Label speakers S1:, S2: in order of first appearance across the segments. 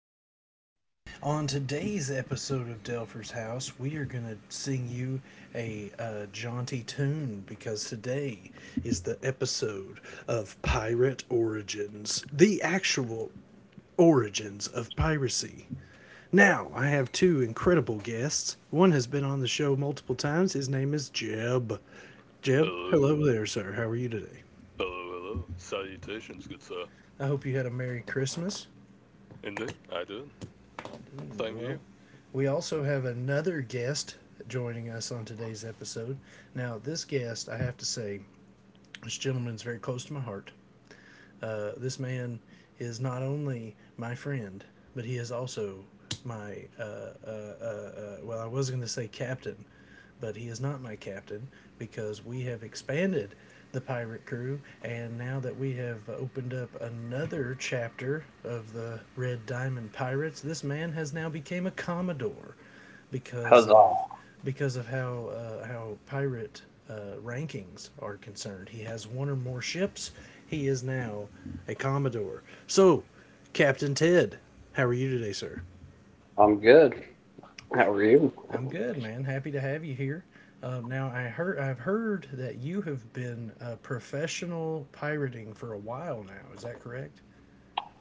S1: House. On today's episode of Delpher's House, we are going to sing you a jaunty tune because today is the episode of Pirate Origins, the actual origins of piracy. Now, I have two incredible guests. One has been on the show multiple times. His name is Jeb. Jeb,
S2: Hello,
S1: hello there, sir. How are you today?
S2: hello, hello. Salutations, good sir.
S1: I hope you had a Merry Christmas.
S2: Indeed, I did.
S1: Hmm.
S2: Same to
S1: Well,
S2: you.
S1: we also have another guest joining us on today's episode. Now, this guest, I have to say, this gentleman is very close to my heart. This man is not only my friend, but he is also my, well, I was going to say captain, but he is not my captain because we have expanded the pirate crew, and now that we have opened up another chapter of the Red Diamond Pirates, this man has now became a commodore because
S3: Huzzah.
S1: of, because of how pirate rankings are concerned. He has one or more ships. He is now a commodore. So, Captain Ted, how are you today, sir?
S3: I'm good. How are you?
S1: I'm good, man. Happy to have you here. Now I've heard that you have been professional pirating for a while now. Is that correct?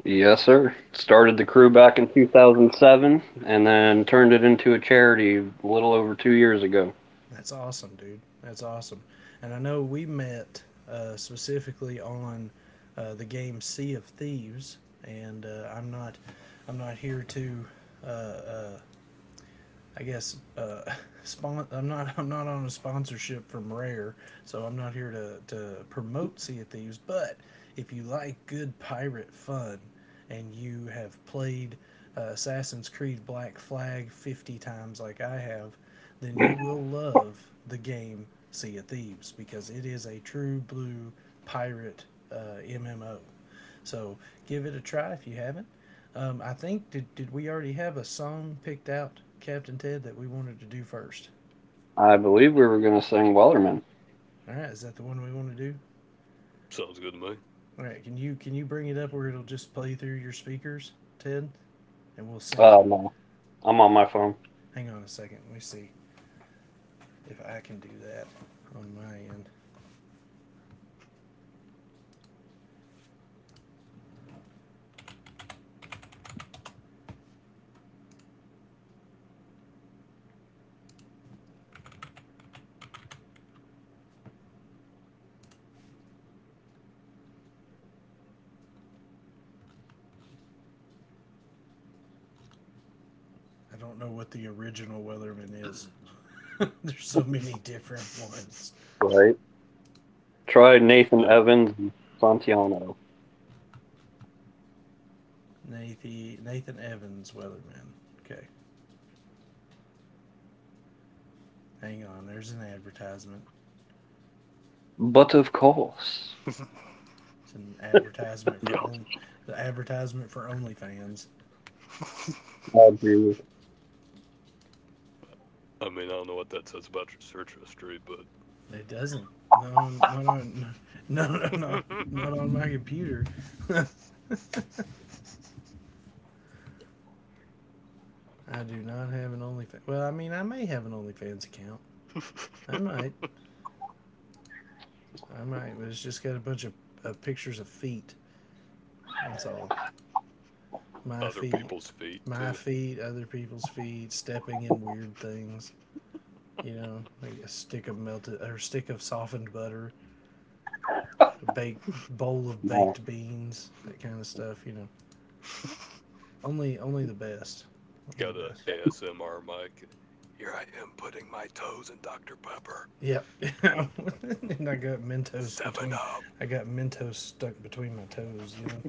S3: Yes, sir. Started the crew back in 2007 and then turned it into a charity a little over 2 years ago.
S1: That's awesome, dude. That's awesome. And I know we met specifically on the game Sea of Thieves, and I'm not here to uh, uh, I guess I'm not on a sponsorship from Rare, so I'm not here to promote Sea of Thieves. But if you like good pirate fun, and you have played Assassin's Creed Black Flag 50 times like I have, then you will love the game Sea of Thieves because it is a true blue pirate MMO. So give it a try if you haven't. I think did we already have a song picked out, Captain Ted, that we wanted to do first?
S3: I believe we were going to sing Wellerman.
S1: All right, is that the one we want to do?
S2: Sounds good to me.
S1: All right, can you bring it up where it'll just play through your speakers, Ted, and we'll sing it.
S3: No, I'm on my phone.
S1: Hang on a second, let me see if I can do that on my end. I don't know what the original Weatherman is. There's so many different ones.
S3: Right. Try Nathan
S2: Uh,
S3: Evans and Santiano.
S1: Nathan Evans Weatherman. Okay, hang on. There's an advertisement.
S3: But of course,
S1: It's an advertisement
S2: yeah,
S1: for on, The advertisement for OnlyFans.
S3: I do.
S2: I mean, I don't know what that says about your search history, but
S1: It doesn't. No, no, no, no, no, no, no, not on my computer. I do not have an OnlyFans. Well, I mean, I may have an OnlyFans account. I might. I might. But it's just got a bunch of pictures of feet. That's all. My
S2: other
S1: feet,
S2: people's feet,
S1: my
S2: too.
S1: feet, other people's feet, stepping in weird things. You know, like a stick of melted, or a stick of softened butter, a baked, bowl of
S3: No,
S1: baked beans, that kind of stuff. You know, only, only the best. Only
S2: Got
S1: the
S2: a
S1: best.
S2: ASMR mic. Here I am putting my toes in Dr. Pepper.
S1: Yep.
S2: Mm.
S1: And I got Mentos
S2: Seven
S1: between.
S2: up.
S1: I got Mentos stuck between my toes. You know.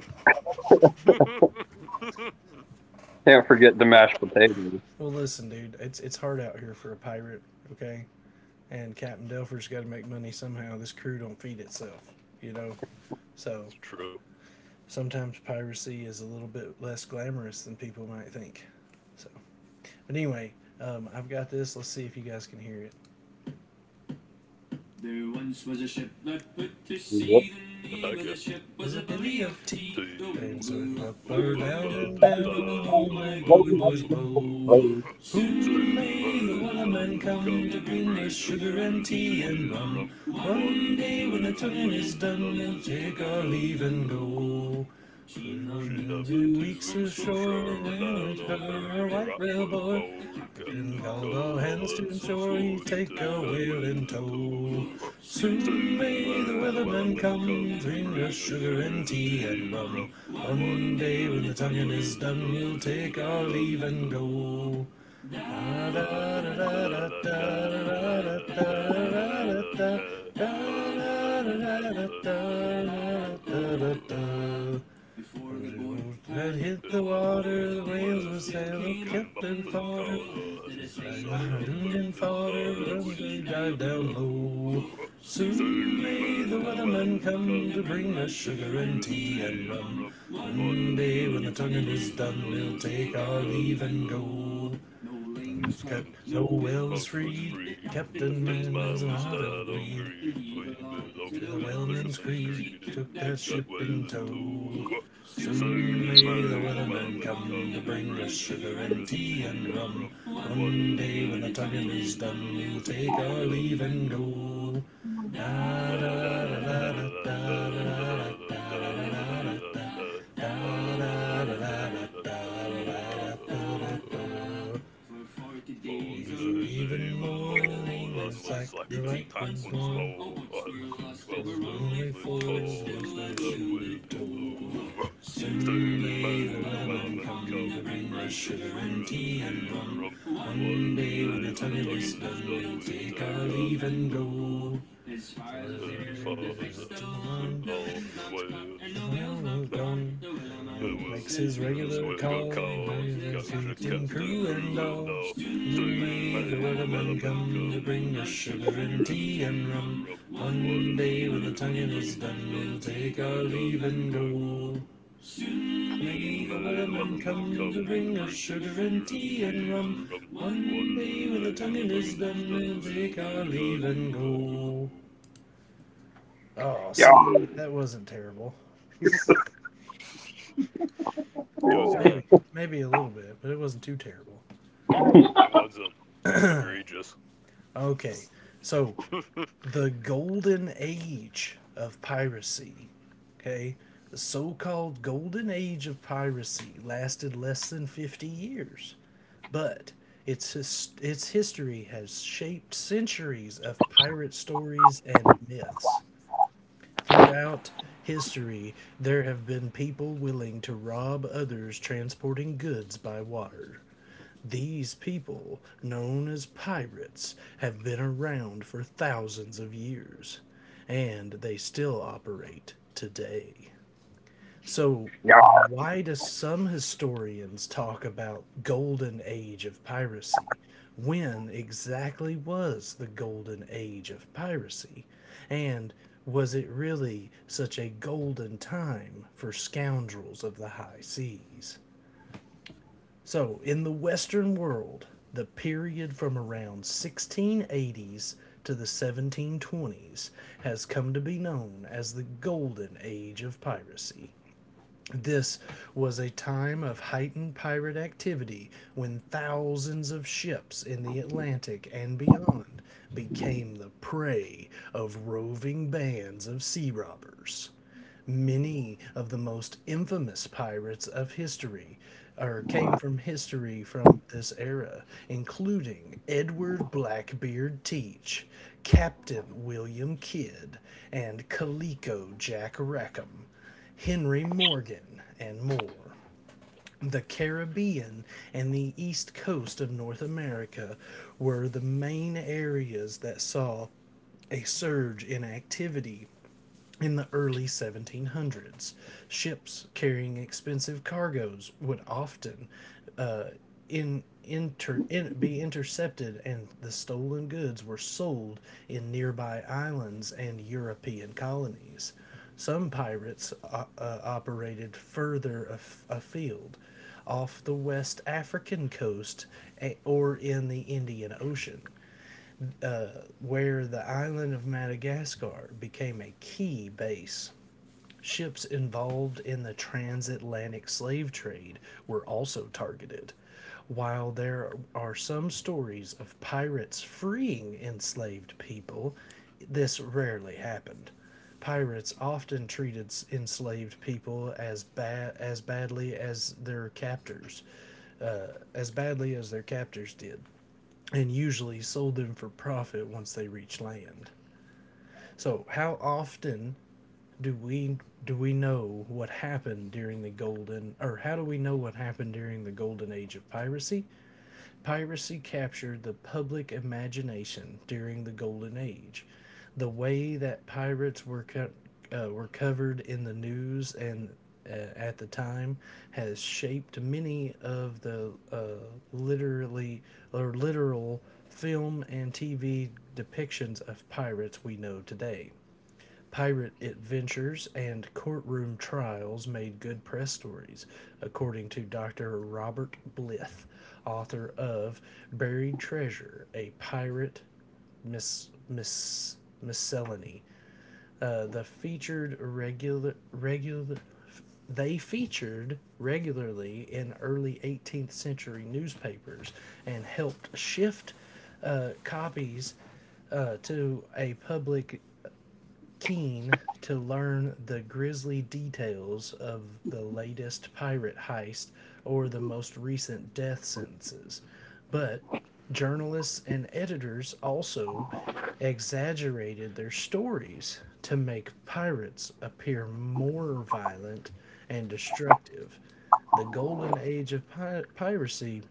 S3: can't forget the mashed potatoes.
S1: Well, listen, dude. It's hard out here for a pirate. Okay. And Captain Delfer's got to make money somehow. This crew don't feed itself. You know. So
S2: It's true.
S1: sometimes piracy is a little bit less glamorous than people might think. So, but anyway, I've got this. Let's see if you guys can hear it. There once was a ship that put to
S3: What
S1: sea. The
S2: I
S1: name of the
S2: can
S1: ship was a belly of
S2: see
S1: tea. The
S2: the
S1: winds
S2: wind
S1: blew up,
S2: blew up
S1: or down
S2: above
S1: and
S2: the
S3: time
S1: down,
S3: is it?
S1: and
S2: town,
S1: all
S3: Um,
S2: blew
S1: my
S2: my
S1: bully
S2: billy
S1: boys
S2: boys
S1: blow.
S2: blue.
S1: Soon
S2: Soon
S1: may the
S2: may the
S1: wellerman
S2: wellerman
S1: come to
S2: come to
S1: bring us
S2: bring us
S1: sugar
S2: sugar
S1: and
S2: and
S1: tea and
S2: tea and
S1: rum.
S2: rum.
S1: One
S2: One
S1: day when the
S2: day when the
S1: tonguing is
S2: tonguing is
S1: done,
S2: done,
S1: we'll
S2: we'll
S1: take
S2: take
S1: our
S2: our
S1: leave
S2: leave
S1: and
S2: and go.
S1: go. She Been had on
S2: She's
S1: been
S2: up in
S1: two
S2: two
S1: weeks
S2: weeks from
S1: ashore and
S2: shore, and
S1: down at
S2: down on her
S1: her, our
S2: a
S1: white
S2: right
S1: whale
S2: whale
S1: bore.
S2: bore. The
S1: Then
S2: captain
S1: call all
S2: called
S1: hands
S2: all
S1: to the
S2: hands and
S1: shore. We
S2: swore he'd
S1: take
S2: take
S1: a
S2: that whale
S1: whaling
S2: in
S1: tow.
S2: tow.
S1: Soon
S2: Soon
S1: may the
S2: may the
S1: weatherman
S2: wellerman
S1: come
S2: come to
S1: bring us
S2: bring us
S1: sugar
S2: sugar
S1: and
S2: and tea
S1: tea and
S2: and
S1: rum.
S2: rum.
S1: One
S2: One
S1: day when
S2: day
S1: the
S2: when the
S1: tonguing is
S2: tonguing is
S1: done,
S2: done,
S1: we'll take
S2: we'll take
S1: our
S2: our
S1: leave
S2: leave
S1: and
S2: and
S1: go.
S2: go. Ah, la la la la da, la la la da, la la la la da. Ah, la la la la la la la la la la.
S1: Before the boy that hit
S2: Hit
S1: the
S2: the
S1: water,
S2: wall,
S1: the
S2: the
S1: whales were
S2: waster
S1: sailing,
S2: came
S1: kept
S2: up
S1: and
S2: and
S1: fodder.
S2: caught her and stood side
S1: Did
S2: up,
S1: Doomed and
S2: bound and
S1: fodder,
S2: father
S1: and
S2: when
S1: they
S2: she
S1: dived
S2: dived
S1: down
S2: out. Low.
S1: low. Soon
S2: Soon
S1: may the
S2: may the
S1: weatherman
S2: wellerman
S1: come to
S2: come to
S1: bring us
S2: bring us
S1: sugar
S2: sugar
S1: and
S2: and
S1: tea
S2: tea
S1: and
S2: and
S1: rum.
S2: rum.
S1: One
S2: One
S1: day when the
S2: day when the
S1: tonguing is
S2: tonguing is
S1: done,
S2: done,
S1: he'll
S2: we'll
S1: take
S2: take
S1: our
S2: our
S1: leave
S2: leave
S1: and
S2: and
S1: go. It's
S2: go.
S1: got
S2: And he
S1: no
S2: said,
S1: whales
S2: I was
S1: freed.
S2: free, and the
S1: Captain
S2: captain's
S1: Man has
S2: man
S1: a
S2: was
S1: heart
S2: no
S1: of
S2: longer
S1: greed.
S2: he,
S1: He
S2: for he
S1: belonged to
S2: belonged
S1: the
S2: to the
S1: whaleman's
S2: fisherman's
S1: creed.
S2: creed who
S1: Took that
S2: took that
S1: ship
S2: whale
S1: in
S2: into.
S1: tow. Soon
S2: Soon
S1: may the
S2: may the
S1: weatherman
S2: wellerman
S1: come to
S2: come to
S1: bring us
S2: bring us
S1: sugar
S2: sugar
S1: and
S2: and
S1: tea
S2: tea
S1: and
S2: and
S1: rum.
S2: rum.
S1: One
S2: One
S1: day when the
S2: day when the
S1: tugging
S2: tonguing
S1: is
S2: is
S1: done,
S2: done,
S1: we'll
S2: we'll
S1: take our
S2: take our
S1: leave
S2: leave
S1: and
S2: and go.
S1: go. Da
S2: La
S1: da da
S2: la da da
S1: da da
S2: da
S1: da
S2: da
S1: da da da da da da. Da da da
S2: da da
S1: da da
S2: da
S1: da
S2: da
S1: da da da da
S2: da.
S1: da for forty
S2: For
S1: days
S2: did I
S1: or even
S2: even
S1: more. The
S2: more
S1: lane went
S2: than
S1: slack,
S2: what
S1: like
S2: slack
S1: the right
S2: and
S1: light
S2: tack
S1: once
S2: once
S1: more. More. Oh,
S2: more?
S1: but
S2: I'll.
S1: we're
S2: And
S1: lost. There were
S2: whilst the
S1: only
S2: only
S1: four, but
S2: thought
S1: still I
S2: still a
S1: yielded
S2: wildy
S1: over.
S2: blue.
S1: Soon
S2: Soon
S1: may the
S2: may the
S1: weatherman
S2: wellerman
S1: come to
S2: come to
S1: bring us
S2: bring us
S1: sugar
S2: sugar
S1: and
S2: and
S1: tea and
S2: tea and
S1: rum.
S2: rum.
S1: One
S2: One
S1: day when
S2: day
S1: the
S2: when the
S1: tugging is
S2: tonguing is
S1: done, we'll
S2: done, we'll
S1: take our
S2: take our
S1: leave and
S2: leave and go.
S1: go. His fires as I'm
S2: As
S1: fair, the
S2: far as
S1: fight's still the
S2: that's
S1: on, the
S2: on
S1: wind's
S2: the
S1: not caught,
S2: way,
S1: and the
S2: as
S1: whale's not has
S2: like
S1: gone. The
S2: the
S1: Willamette makes
S2: world
S1: his
S2: has
S1: regular
S2: well got
S1: call,
S2: cold
S1: and
S2: with
S1: there's
S2: country
S1: captain,
S2: captain,
S1: crew, and
S2: crew, and
S1: all.
S2: all. Soon
S1: Suddenly the
S2: may the
S1: weatherman
S2: weatherman
S1: come to
S2: come to
S1: bring us
S2: bring us
S1: sugar
S2: sugar
S1: and
S2: and
S1: tea and
S2: tea and
S1: rum.
S2: rum.
S1: One
S2: One
S1: day when the
S2: day when the
S1: tonguing is
S2: tonguing is
S1: done,
S2: done,
S1: we'll
S2: we'll
S1: take our
S2: take our
S1: leave and
S2: leave and
S1: go.
S2: go.
S1: Soon may
S2: Soon
S1: the
S2: may the
S1: weatherman
S2: weatherman
S1: come to
S2: come to
S1: bring us
S2: bring us
S1: sugar
S2: sugar
S1: and
S2: and
S1: tea
S2: tea
S1: and
S2: and
S1: rum.
S2: rum.
S1: One day
S2: One
S1: when the
S2: day when the
S1: tonguing is
S2: tonguing is
S1: done,
S2: done,
S1: we'll
S2: we'll
S1: take our
S2: take our
S1: leave and
S2: leave and
S1: go.
S2: go.
S1: Oh,
S3: Yeah
S1: see, that wasn't terrible.
S2: It was
S1: Maybe,
S2: not.
S1: maybe a little bit, but it wasn't too terrible.
S2: It wasn't egregious.
S1: Okay, so the golden age of piracy, okay, the so called golden age of piracy lasted less than 50 years, but its history has shaped centuries of pirate stories and myths. Throughout history, there have been people willing to rob others transporting goods by water. These people, known as pirates, have been around for thousands of years and they still operate today. So,
S3: Yeah.
S1: why do some historians talk about golden age of piracy? When exactly was the golden age of piracy? And was it really such a golden time for scoundrels of the high seas? So, in the Western world, the period from around 1680s to the 1720s has come to be known as the Golden Age of Piracy. This was a time of heightened pirate activity when thousands of ships in the Atlantic and beyond became the prey of roving bands of sea robbers. Many of the most infamous pirates of history, or came from history from this era, including Edward Blackbeard Teach, Captain William Kidd, and Coleco Jack Rackham, Henry Morgan, and more. The Caribbean and the east coast of North America were the main areas that saw a surge in activity in the early 1700s. Ships carrying expensive cargoes would often uh, be intercepted, and the stolen goods were sold in nearby islands and European colonies. Some pirates operated further afield, off the West African coast or in the Indian Ocean, where the island of Madagascar became a key base. Ships involved in the transatlantic slave trade were also targeted. While there are some stories of pirates freeing enslaved people, this rarely happened. Pirates often treated enslaved people as badly as their captors, as badly as their captors did, and usually sold them for profit once they reached land. So, how often do we do we know what happened during the golden, or how do we know what happened during the golden age of piracy? Piracy captured the public imagination during the golden age. The way that pirates were were covered in the news and, uh, at the time has shaped many of the literally or literal film and TV depictions of pirates we know today. Pirate adventures and courtroom trials made good press stories, according to Dr. Robert Blith, author of Buried Treasure, a pirate miscellany. Uh, the featured regular regular they featured regularly in early 18th century newspapers and helped shift copies to a public keen to learn the grisly details of the latest pirate heist or the most recent death sentences, but journalists and editors also exaggerated their stories to make pirates appear more violent and destructive. The golden age of piracy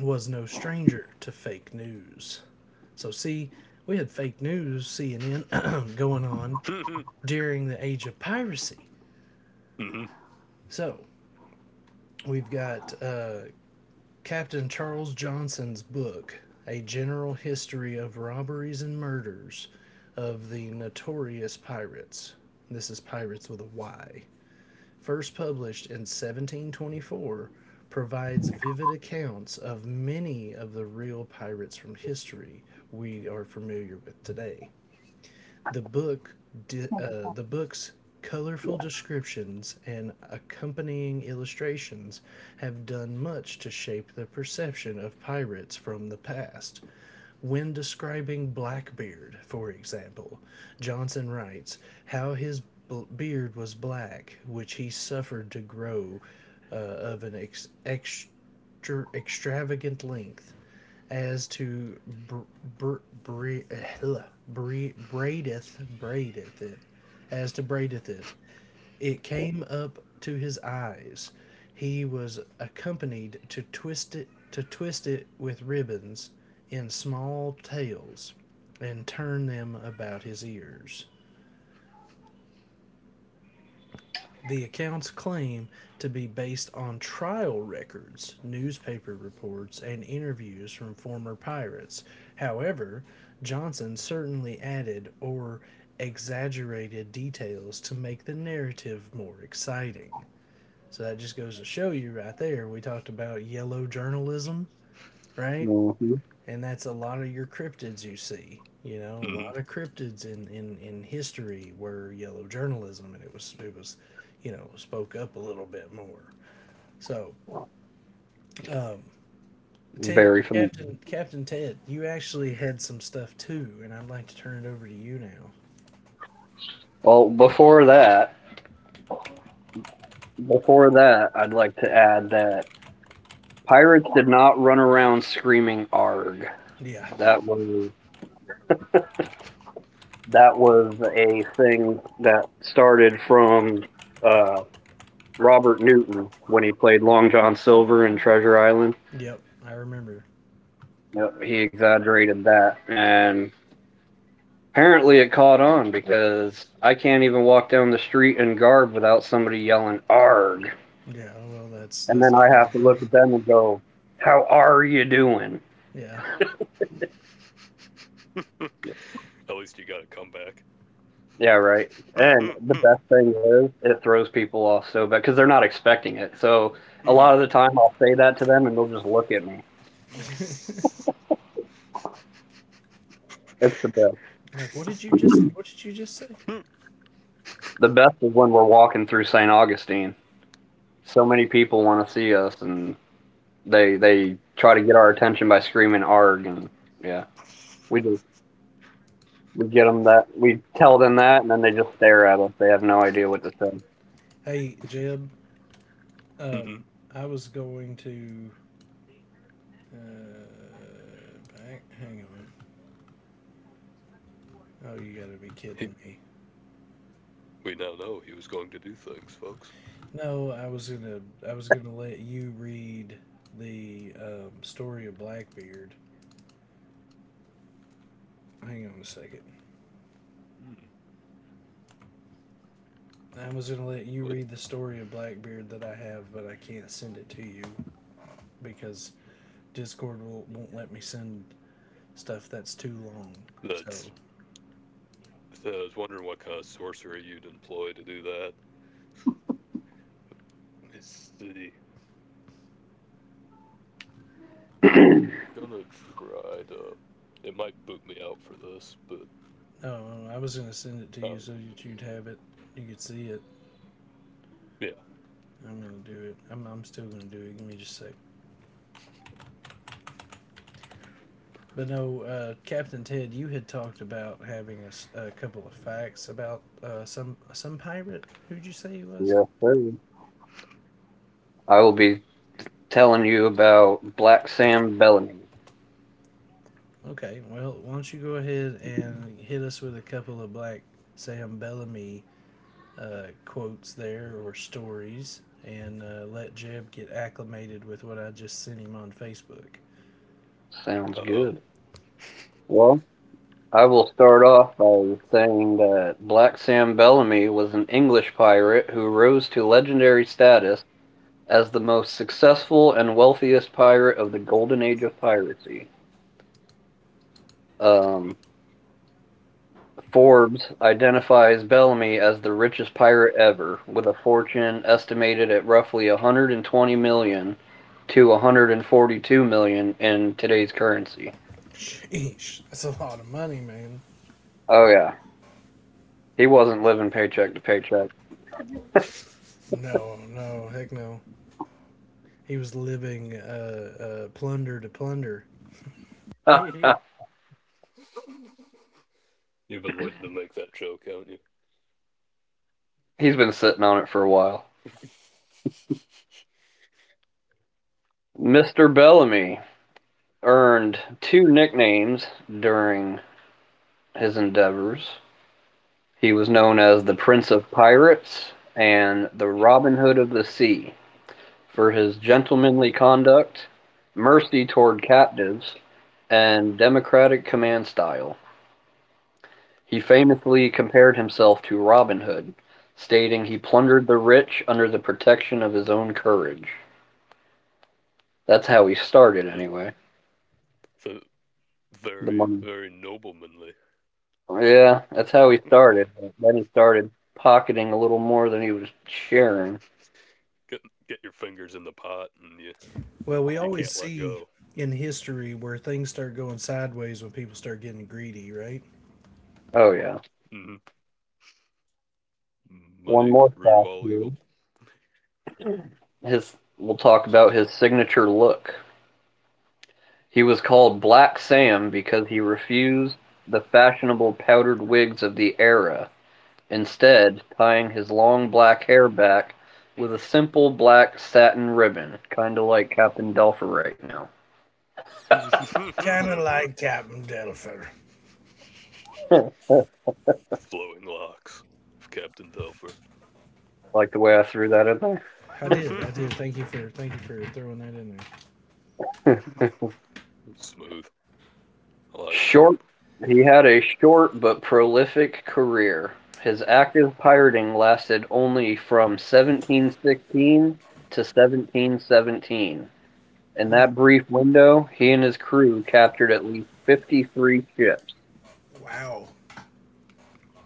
S1: was no stranger to fake news. So, see, we had fake news, CNN, going on during the age of piracy. So we've got Captain Charles Johnson's book, A General History of Robberies and Murders of the Notorious Pirates. This is Pirates with a Y. First published in 1724, provides vivid accounts of many of the real pirates from history we are familiar with today. The book, the book's colorful descriptions and accompanying illustrations have done much to shape the perception of pirates from the past. When describing Blackbeard, for example, Johnson writes how his beard was black, which he suffered to grow of an extravagant length as to br- bre- ugh, braideth braideth it braideth it, it came up to his eyes. He was accompanied to twist it with ribbons in small tails and turn them about his ears. The accounts claim to be based on trial records, newspaper reports, and interviews from former pirates. However, Johnson certainly added or exaggerated details to make the narrative more exciting. So that just goes to show you right there. We talked about yellow journalism, right?
S3: Mhm.
S1: And that's a lot of your cryptids you see. You know, a
S2: Hmm.
S1: lot of cryptids in history were yellow journalism, and it was, you know, spoke up a little bit more. So, Ted,
S3: Very familiar.
S1: Captain Ted, you actually had some stuff too, and I'd like to turn it over to you now.
S3: Well, before that, I'd like to add that pirates did not run around screaming "arg."
S1: Yeah.
S3: That was that was a thing that started from uh, Robert Newton when he played Long John Silver in Treasure Island.
S1: Yep. I remember.
S3: Yep, he exaggerated that, and apparently it caught on because I can't even walk down the street in garb without somebody yelling "arg,"
S1: Yeah. Well, that's
S3: and
S1: that's
S3: then I
S1: kind
S3: have
S1: of
S3: to
S1: the
S3: look at
S1: thing.
S3: them and go, "How are you doing?"
S1: Yeah.
S2: At least you got a comeback.
S3: Yeah, right. And the best thing is it throws people off so bad because they're not expecting it. So a lot of the time
S2: Hmm.
S3: I'll say that to them and they'll just look at me. It's the best.
S1: Like, what did you just say?
S3: The best is when we're walking through St. Augustine. So many people want to see us and they try to get our attention by screaming arg, and yeah. We just we get them that we tell them that, and then they just stare at us. They have no idea what to say.
S1: Hey, Jeb. Um,
S2: He,
S1: I was going to Uh, back. Hang on. Oh, you gotta be kidding me.
S2: we now know he was going to do things, folks.
S1: No, I was gonna let you read the story of Blackbeard. Hang on a second.
S2: Hmm.
S1: I was gonna let you
S2: What,
S1: read the story of Blackbeard that I have, but I can't send it to you because Discord won't let me send stuff that's too long. So,
S2: that's. So I was wondering what kind of sorcery you'd employ to do that. Let's see. Gonna try to. It might boot me out for this, but
S1: no, I was gonna send it to
S2: uh,
S1: you so that you'd have it. You could see it.
S2: yeah.
S1: I'm gonna do it. I'm still gonna do it. Give me just a sec. But no, Captain Ted, you had talked about having a couple of facts about some pirate. Who'd you say he was?
S3: Yes, sir. I will be telling you about Black Sam Bellamy.
S1: Okay, well, why don't you go ahead and hit us with a couple of Black Sam Bellamy quotes there or stories, and let Jeb get acclimated with what I just sent him on Facebook.
S3: Sounds
S2: Uh oh.
S3: good. Well, I will start off by saying that Black Sam Bellamy was an English pirate who rose to legendary status as the most successful and wealthiest pirate of the golden age of piracy. Um, Forbes identifies Bellamy as the richest pirate ever, with a fortune estimated at roughly $120 million to $142 million in today's currency.
S1: Sheesh, that's a lot of money, man.
S3: Oh yeah, he wasn't living paycheck to paycheck.
S1: No, no, heck no. He was living plunder to plunder.
S2: You've been waiting to make that joke, haven't you?
S3: He's been sitting on it for a while. Mr. Bellamy earned two nicknames during his endeavors. He was known as the Prince of Pirates and the Robin Hood of the Sea for his gentlemanly conduct, mercy toward captives, and democratic command style. He famously compared himself to Robin Hood, stating he plundered the rich under the protection of his own courage. That's how he started,
S2: The,
S3: anyway.
S2: the
S3: The
S2: very,
S3: money.
S2: very noblemanly.
S3: Yeah, that's how he started, but then he started pocketing a little more than he was sharing.
S2: Get your fingers in the pot, and you
S1: Well, we
S2: you
S1: always
S2: can't let
S1: see
S2: go.
S1: in history where things start going sideways when people start getting greedy, right?
S3: Oh yeah.
S2: Hmm.
S3: One
S2: Money,
S3: more
S2: the root of
S3: fact
S2: all
S3: here.
S2: evil.
S3: His We'll talk about his signature look. He was called Black Sam because he refused the fashionable powdered wigs of the era, instead tying his long black hair back with a simple black satin ribbon, kind of like Captain Delfer right now.
S2: Flowing
S1: Kind of like Captain Delfer.
S2: locks of Captain Telfer.
S3: Like the way I threw that in there.
S1: I did, I
S2: It's
S1: did. Thank you for throwing that in there.
S2: smooth. I like it.
S3: Short, he had a short but prolific career. His active pirating lasted only from 1716 to 1717. In
S1: Mm,
S3: that brief window, he and his crew captured at least 53 ships.
S1: wow,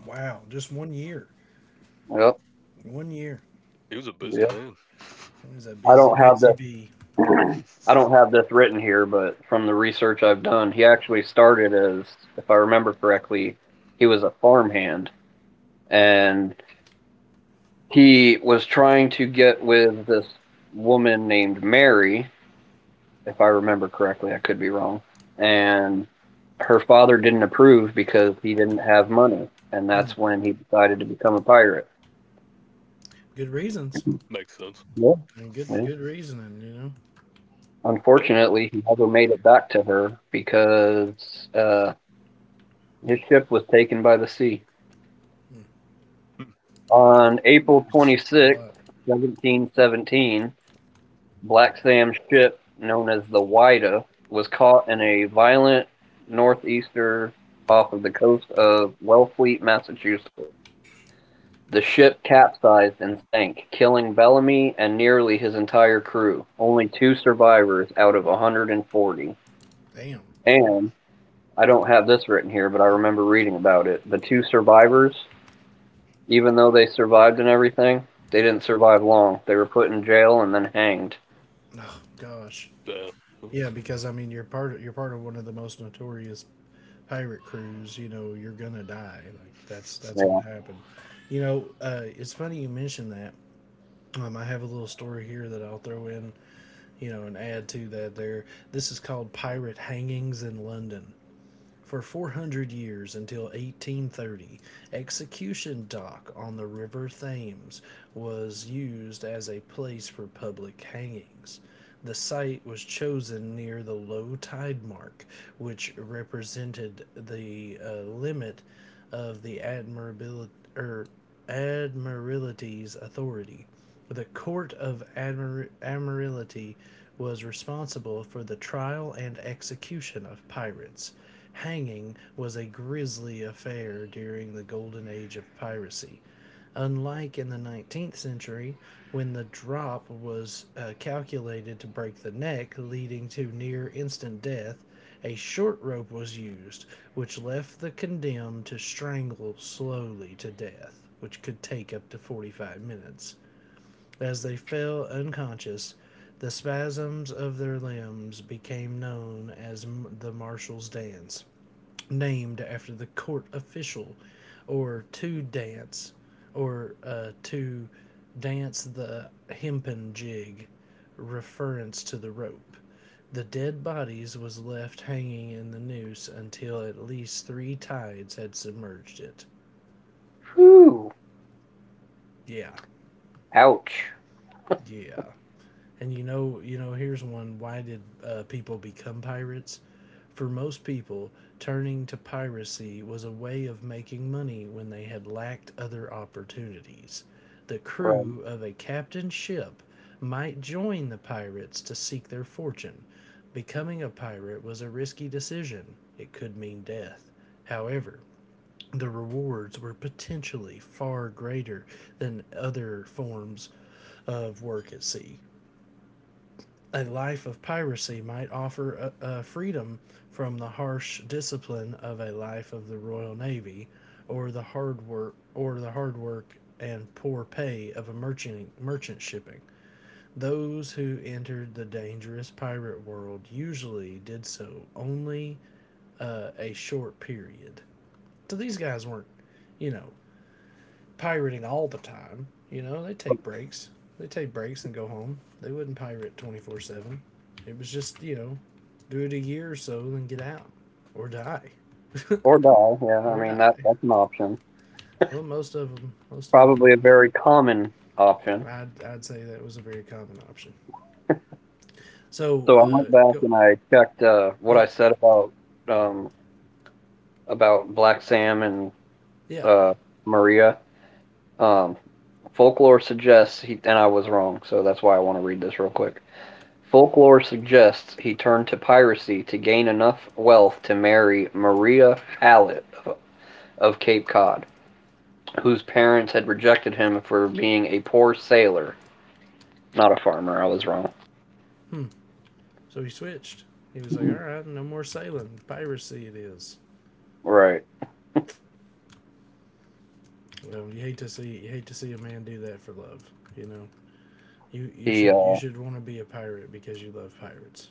S1: wow! Just one year,
S3: Yep.
S1: one year.
S2: He was a busy
S3: Yeah.
S2: man.
S1: It was a
S3: I
S1: busy,
S3: don't have
S1: busy
S3: the
S1: bee.
S3: I don't have this written here, but from the research I've done, he actually started as, if I remember correctly, he was a farmhand, and he was trying to get with this woman named Mary, if I remember correctly. I could be wrong. And her father didn't approve because he didn't have money. And
S1: Mm,
S3: that's when he decided to become a pirate.
S1: good reasons
S2: Makes sense.
S3: Yeah.
S1: and good
S3: Yeah.
S1: good reasoning, you know.
S2: Eh?
S3: Unfortunately, he never made it back to her because uh, his ship was taken by the sea.
S1: Mm, which
S3: On
S1: a
S3: April
S1: lot.
S3: 26th, 1717, Black Sam's ship, known as the Wida, was caught in a violent northeaster off of the coast of Wellfleet, Massachusetts. The ship capsized and sank, killing Bellamy and nearly his entire crew. Only two survivors out of 140.
S1: Damn.
S3: And I don't have this written here, but I remember reading about it. The two survivors, even though they survived and everything, they didn't survive long. They were put in jail and then hanged.
S1: Oh gosh.
S2: Yeah. Okay.
S1: Yeah, because I mean, you're part of one of the most notorious pirate crews. You know, you're gonna die. Like that's what
S3: Yeah.
S1: happened. You know, it's funny you mentioned that. I have a little story here that I'll throw in. You know, and add to that. There, this is called pirate hangings in London. For 400 years until 1830, Execution Dock on the River Thames was used as a place for public hangings. The site was chosen near the low tide mark, which represented the limit of the er, Admiralty's authority. The Court of Admiralty was responsible for the trial and execution of pirates. Hanging was a grisly affair during the golden age of piracy. Unlike in the 19th century, when the drop was calculated to break the neck, leading to near instant death, a short rope was used, which left the condemned to strangle slowly to death, which could take up to 45 minutes. As they fell unconscious, the spasms of their limbs became known as the Marshal's Dance, named after the court official, or to dance, or to dance the hempen jig, reference to the rope. The dead bodies was left hanging in the noose until at least three tides had submerged it.
S3: Whew.
S1: Yeah,
S3: Ouch.
S1: yeah. And here's one: why did people become pirates? For most people, turning to piracy was a way of making money when they had lacked other opportunities. The
S3: Right.
S1: crew of a captain's ship might join the pirates to seek their fortune. Becoming a pirate was a risky decision. It could mean death. However, the rewards were potentially far greater than other forms of work at sea. A life of piracy might offer a freedom from the harsh discipline of a life of the Royal Navy, or the hard work and poor pay of a merchant shipping. Those who entered the dangerous pirate world usually did so only a short period. So these guys weren't, you know, pirating all the time. You know, they take breaks. They take breaks and go home. They wouldn't pirate 24/7. It was just, do it a year or so and then get out or die.
S3: Or die, yeah. I
S1: Or
S3: mean, that
S1: die.
S3: that's an option.
S1: Well, most of them,
S3: Probably a very common option.
S1: I'd say that was a very common option. So,
S3: So I went back
S1: go,
S3: and I checked what I
S1: yeah,
S3: said about um, Black Sam and
S1: yeah.
S3: uh, Maria. Um, folklore suggests he, and I was wrong, so that's why I want to read this real quick. Folklore suggests he turned to piracy to gain enough wealth to marry Maria Hallett of, Cape Cod, whose parents had rejected him for being a poor sailor, not a farmer. I was wrong.
S1: Hmm. So he switched. He was like, all right, no more sailing. Piracy it is.
S3: Right.
S1: Well, you hate to see a man do that for love, you know.
S3: The
S1: You should want to be a pirate because you love pirates.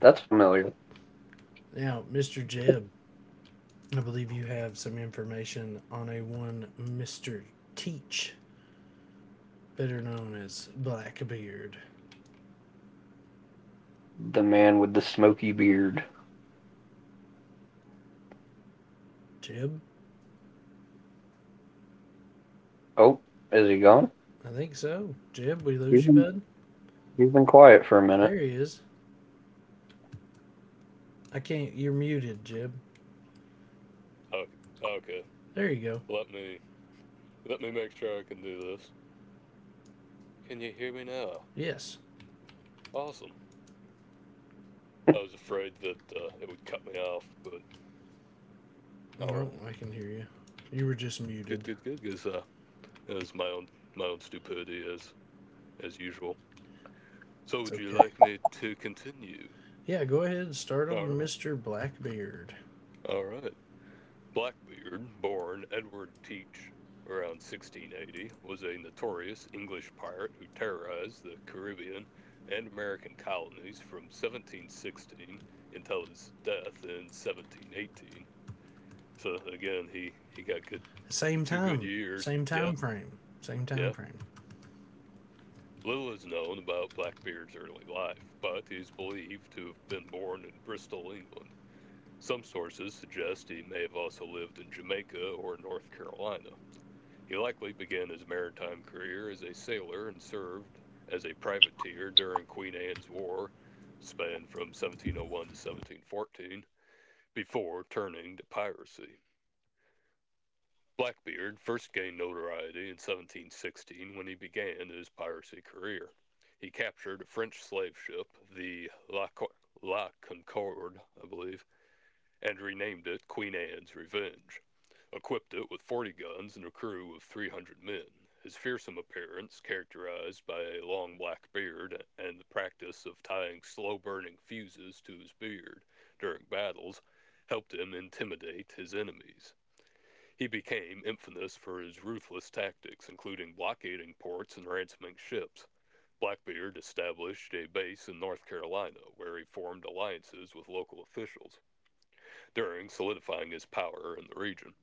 S3: that's familiar.
S1: Now, Mr. Jeb, I believe you have some information on a one Mr. Teach, better known as Blackbeard.
S3: The man with the smoky beard.
S1: Jeb,
S3: Oh, is he gone?
S1: I think so. Jeb, we
S3: He's
S1: lose you,
S3: been,
S1: bud.
S3: he's been quiet for a minute.
S1: There he is. I can't. You're muted, Jeb.
S2: Okay.
S1: There you go.
S2: Let me let me make sure I can do this. Can you hear me now?
S1: Yes.
S2: Awesome. I was afraid that it would cut me off, but all
S1: No,
S2: right.
S1: I can hear you. You were just
S2: Good,
S1: muted.
S2: good, good. Because it was my own stupidity as usual. So
S1: It's
S2: would you
S1: okay.
S2: like me to continue?
S1: Yeah, go ahead and start
S2: All
S1: on
S2: right.
S1: Mr. Blackbeard.
S2: All right. Blackbeard, born Edward Teach around 1680, was a notorious English pirate who terrorized the Caribbean and American colonies from 1716 until his death in 1718. So again, he got good
S1: Same
S2: two good
S1: time,
S2: years.
S1: same
S2: Yeah,
S1: time frame, same time
S2: yeah.
S1: frame.
S2: Little is known about Blackbeard's early life, but he is believed to have been born in Bristol, England. Some sources suggest he may have also lived in Jamaica or North Carolina. He likely began his maritime career as a sailor and served as a privateer during Queen Anne's War, spanned from 1701 to 1714, before turning to piracy. Blackbeard first gained notoriety in 1716 when he began his piracy career. He captured a French slave ship, the La Concorde, I believe, and renamed it Queen Anne's Revenge. Equipped it with 40 guns and a crew of 300 men. His fearsome appearance, characterized by a long black beard and the practice of tying slow burning fuses to his beard during battles, helped him intimidate his enemies. He became infamous for his ruthless tactics, including blockading ports and ransoming ships. Blackbeard established a base in North Carolina, where he formed alliances with local officials during solidifying his power in the region.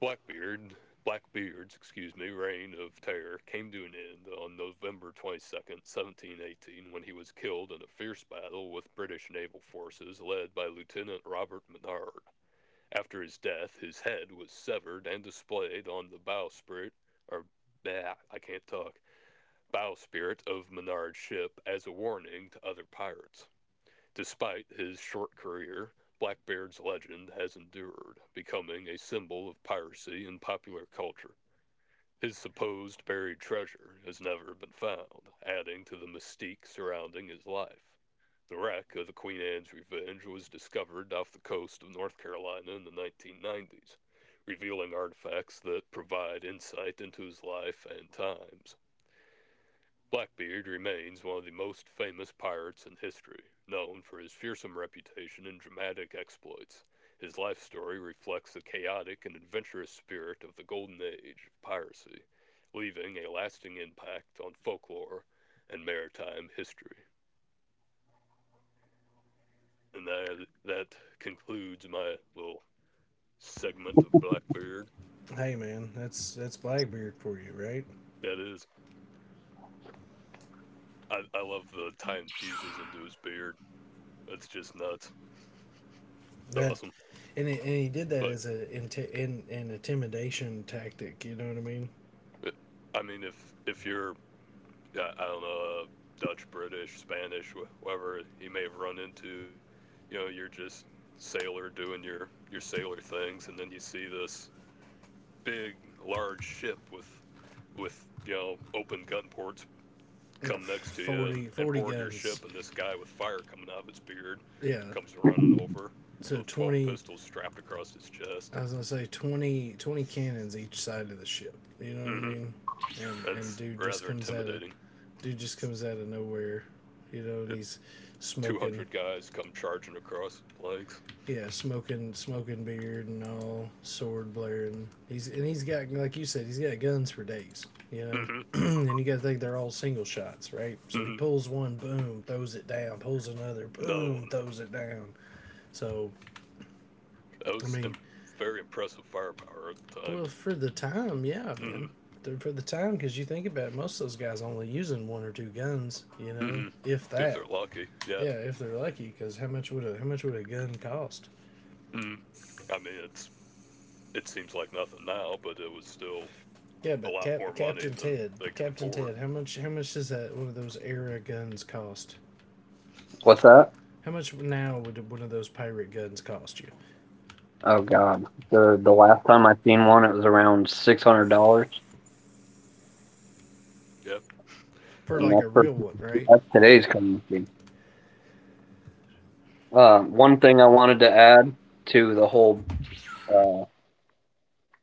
S2: Blackbeard, Blackbeard's, excuse me, reign of terror came to an end on November 22nd, 1718, when he was killed in a fierce battle with British naval forces led by Lieutenant Robert Menard. After his death, his head was severed and displayed on the bowsprit, or bah, I can't talk, bowsprit of Menard's ship as a warning to other pirates. Despite his short career, Blackbeard's legend has endured, becoming a symbol of piracy in popular culture. His supposed buried treasure has never been found, adding to the mystique surrounding his life. The wreck of the Queen Anne's Revenge was discovered off the coast of North Carolina in the 1990s, revealing artifacts that provide insight into his life and times. Blackbeard remains one of the most famous pirates in history, known for his fearsome reputation and dramatic exploits. His life story reflects the chaotic and adventurous spirit of the golden age of piracy, leaving a lasting impact on folklore and maritime history. And that concludes my little segment of Blackbeard.
S1: Hey man, that's Blackbeard for you, right?
S2: That is, I love the tie and fuses into his beard. That's just nuts. It's
S1: That,
S2: awesome.
S1: and he did that
S2: But
S1: as a inti in an intimidation tactic. You know what I mean?
S2: I mean, if you're, I don't know, Dutch, British, Spanish, whoever he may have run into. You know, you're just sailor doing your sailor things, and then you see this big, large ship with open gun ports
S1: Yeah,
S2: come next to you and
S1: forty
S2: and
S1: forty
S2: board your
S1: guns.
S2: ship, and this guy with fire coming out of his beard
S1: Yeah.
S2: comes running over. You know,
S1: So
S2: with 12
S1: 20.
S2: pistols strapped across his chest.
S1: I was gonna say twenty cannons each side of the ship. You know what I
S2: Hmm.
S1: mean? And
S2: That's rather intimidating.
S1: dude just comes out of nowhere. You know, and
S2: And
S1: he's
S2: two
S1: smoking.
S2: hundred guys come charging across with planks.
S1: Yeah, smoking, smoking beard and all, sword blaring. He's and he's got, like you said, he's got guns for days. You know,
S2: Hmm.
S1: and you got to think they're all single shots, right? So he pulls one, boom, throws it down. Pulls another,
S2: Another
S1: boom,
S2: one.
S1: throws it down. So
S2: That
S1: I
S2: was
S1: mean,
S2: Very impressive firepower at the time.
S1: well, for the time, yeah, man.
S2: Hmm,
S1: For the time, because you think about it, most of those guys only using one or two guns, you know,
S2: hmm.
S1: if
S2: If
S1: that.
S2: they're lucky, yeah.
S1: Yeah, if they're lucky, because how much would a gun cost?
S2: Mm. I mean, it seems like nothing now, but it was still
S1: Yeah,
S2: a
S1: but
S2: lot more money
S1: Captain
S2: than
S1: Ted,
S2: they could afford.
S1: How much does that one of those era guns cost?
S3: What's that?
S1: How much now would one of those pirate guns cost you?
S3: Oh God. The last time I seen one, it was around $600,
S2: Yeah.
S1: For
S3: and
S2: So
S1: like
S3: that's
S1: a
S3: for
S1: real one,
S3: today,
S1: right?
S3: that's today's currency. One thing I wanted to add to the whole uh,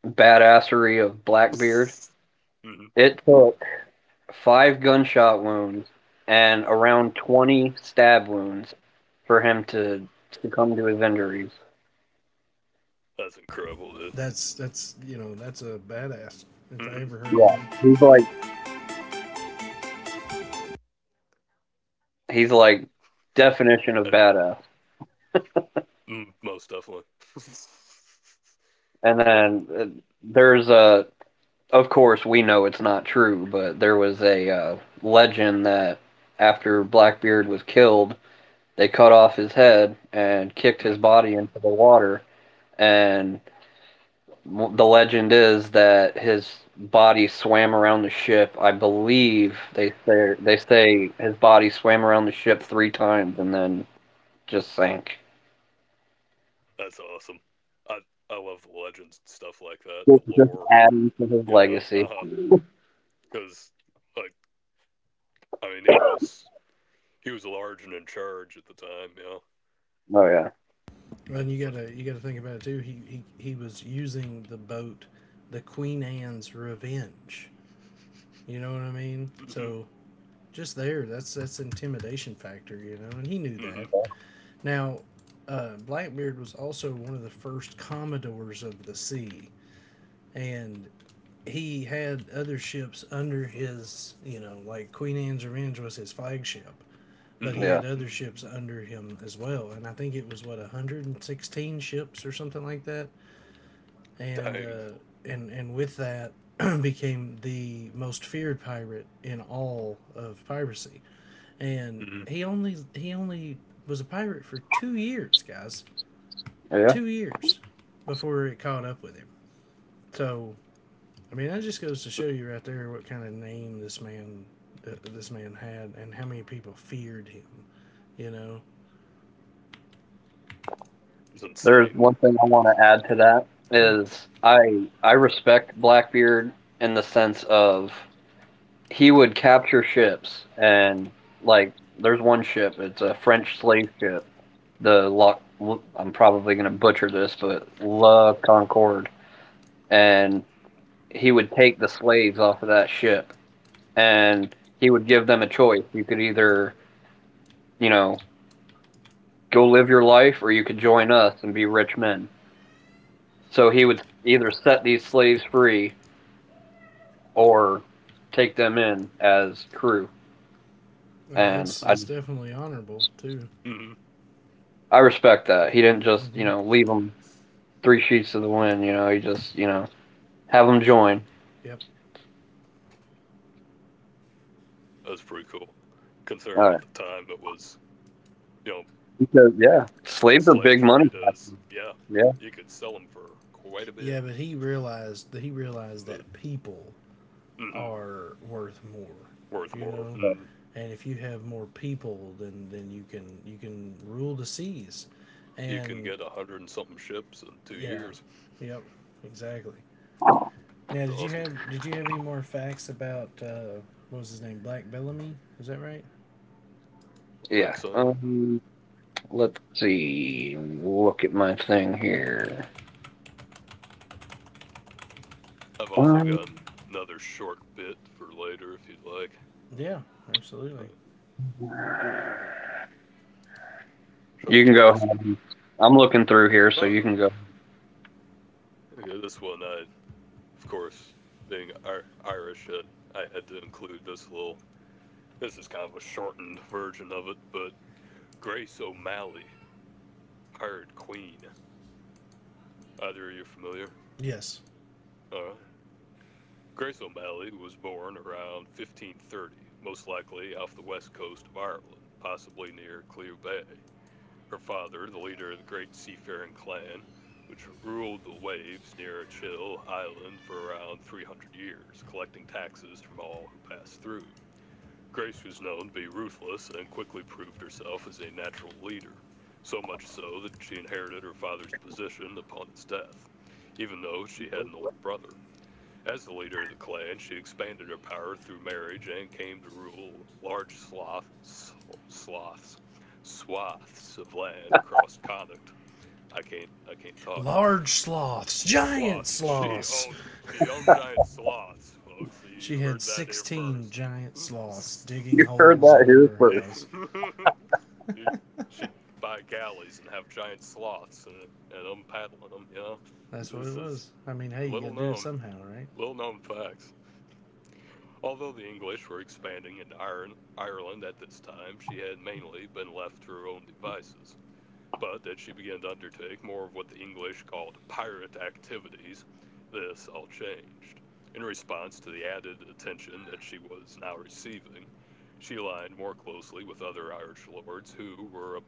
S3: badassery of Blackbeard.
S2: hmm
S3: It took five gunshot wounds and around 20 stab wounds for him to succumb to his injuries.
S2: that's incredible, dude.
S1: That's you know That's a badass if I
S2: Hmm.
S1: ever heard
S3: Yeah,
S1: of
S3: he's
S1: one.
S3: like he's like definition of
S2: Uh,
S3: badass.
S2: Most definitely.
S3: And
S2: But
S3: then there's a of course, we know it's not true, but there was a legend that after Blackbeard was killed, they cut off his head and kicked his
S2: mm,
S3: body into the water. And the legend is that his body swam around the ship. I believe they say his body swam around the ship three times and then just sank.
S2: that's awesome. I I love the legends and stuff like that, the
S3: Just
S2: lore.
S3: adding to his
S2: You know,
S3: legacy.
S2: uh huh. Because like, I mean, he was. He was large and in charge at the time, yeah.
S3: Oh yeah,
S1: Well, and
S2: It's like,
S1: you gotta think about it too. He was using the boat, the Queen Anne's Revenge. You know what I mean?
S2: mm-hmm,
S1: So just there, that's intimidation factor. And he knew
S2: mm-hmm,
S1: that. Now, Blackbeard was also one of the first commodores of the sea, and he had other ships under his, you know, like Queen Anne's Revenge was his flagship, but
S2: mm-hmm,
S1: he had
S3: yeah,
S1: other ships under him as well. And I think it was what 116 ships or something like that. And
S2: dang.
S1: uh, and with that became the most feared pirate in all of piracy. And
S2: Mm-hmm.
S1: he only was a pirate for 2 years, guys.
S3: yeah.
S1: 2 years before it caught up with him. So, I mean, that just goes to show you right there what kind of name this man had and how many people feared him. You know?
S2: It's
S3: There's
S2: insane.
S3: one thing I want to add to that
S1: Yeah.
S3: is I respect Blackbeard in the sense of he would capture ships, and like there's one ship, it's a French slave ship, the Loc, I'm probably gonna butcher this, but La Concorde, and he would take the slaves off of that ship, and he would give them a choice. You could either, you know go live your life, or you could join us and be rich men. So he would either set these slaves free or take them in as crew.
S1: No,
S3: And
S1: that's
S3: I
S1: that's definitely honorable too.
S2: Mm-hmm.
S3: I respect that. He didn't just, you
S1: Hmm.
S3: know, leave them three sheets to the wind, he just have them join.
S1: Yep.
S2: That was pretty cool.
S3: All
S2: Considering
S3: right.
S2: at the time it was, you know,
S3: Because yeah, slaves are
S2: slave
S3: big money.
S2: trade is, yeah,
S3: Yeah.
S2: you could sell them for quite a bit,
S1: Yeah, but he realized
S2: but
S1: that people
S2: mm hmm
S1: are worth more.
S2: worth
S1: You
S2: more.
S1: know,
S2: Mm hmm
S1: and if you have more people, then you can rule the seas,
S2: You can
S1: and
S2: get a hundred and something ships in two
S1: yeah,
S2: years.
S1: yep, exactly. Now,
S2: It's awesome.
S1: did you have any more facts about what was his name? Black Bellamy? Is that right?
S3: Yeah.
S2: Lexium.
S3: Let's see. Look at my thing here.
S2: I've also
S3: Um,
S2: got another short bit for later if you'd like.
S1: Yeah, absolutely.
S2: I, I'm trying
S3: you can
S2: my
S3: go.
S2: best.
S3: I'm looking through here, so
S2: Oh,
S3: you
S2: okay.
S3: can go.
S2: Okay, this one, I, of course, being Ir Irish, I had to include this little. This is kind of a shortened version of it, but Grace O'Malley, Pirate Queen. Either of you familiar?
S1: Yes.
S2: All right. Grace O'Malley was born around 1530, most likely off the west coast of Ireland, possibly near Clew Bay. Her father, the leader of the great seafaring clan, which ruled the waves near Chill Island for around 300 years, collecting taxes from all who passed through. Grace was known to be ruthless and quickly proved herself as a natural leader, so much so that she inherited her father's position upon his death, even though she had an older brother. As the leader of the clan, she expanded her power through marriage and came to rule large sloths, swaths of land across Connacht. I can't talk.
S1: Large sloths,
S2: Sloth.
S1: giant
S2: She
S1: sloths.
S2: owned, she owned giant sloths, folks.
S1: She
S2: You
S1: had
S2: heard that here
S1: 16
S2: first.
S1: giant sloths digging holes under
S3: Here's
S1: her
S3: where.
S1: house.
S2: You should buy galleys and have giant sloths, and I'm paddling them. You know,
S1: That's what it
S2: this is
S1: was. I mean, hey, you got to
S2: little
S1: do it
S2: known,
S1: somehow, right?
S2: little known facts. Although the English were expanding into Ireland at this time, she had mainly been left to her own devices, but that she began to undertake more of what the English called pirate activities, this all changed. In response to the added attention that she was now receiving, she aligned more closely with other Irish lords who were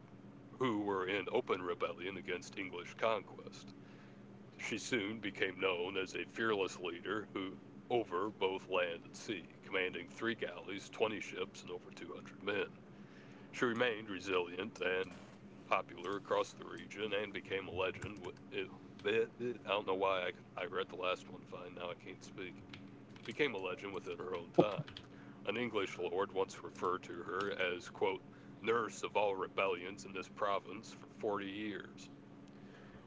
S2: who were in open rebellion against English conquest. She soon became known as a fearless leader who over both land and sea, commanding three galleys, 20 ships, and over 200 men. She remained resilient and popular across the region and became a legend. I don't know why I read the last one fine, now I can't speak. Became a legend within her own time. An English lord once referred to her as, quote, nurse of all rebellions in this province for 40 years.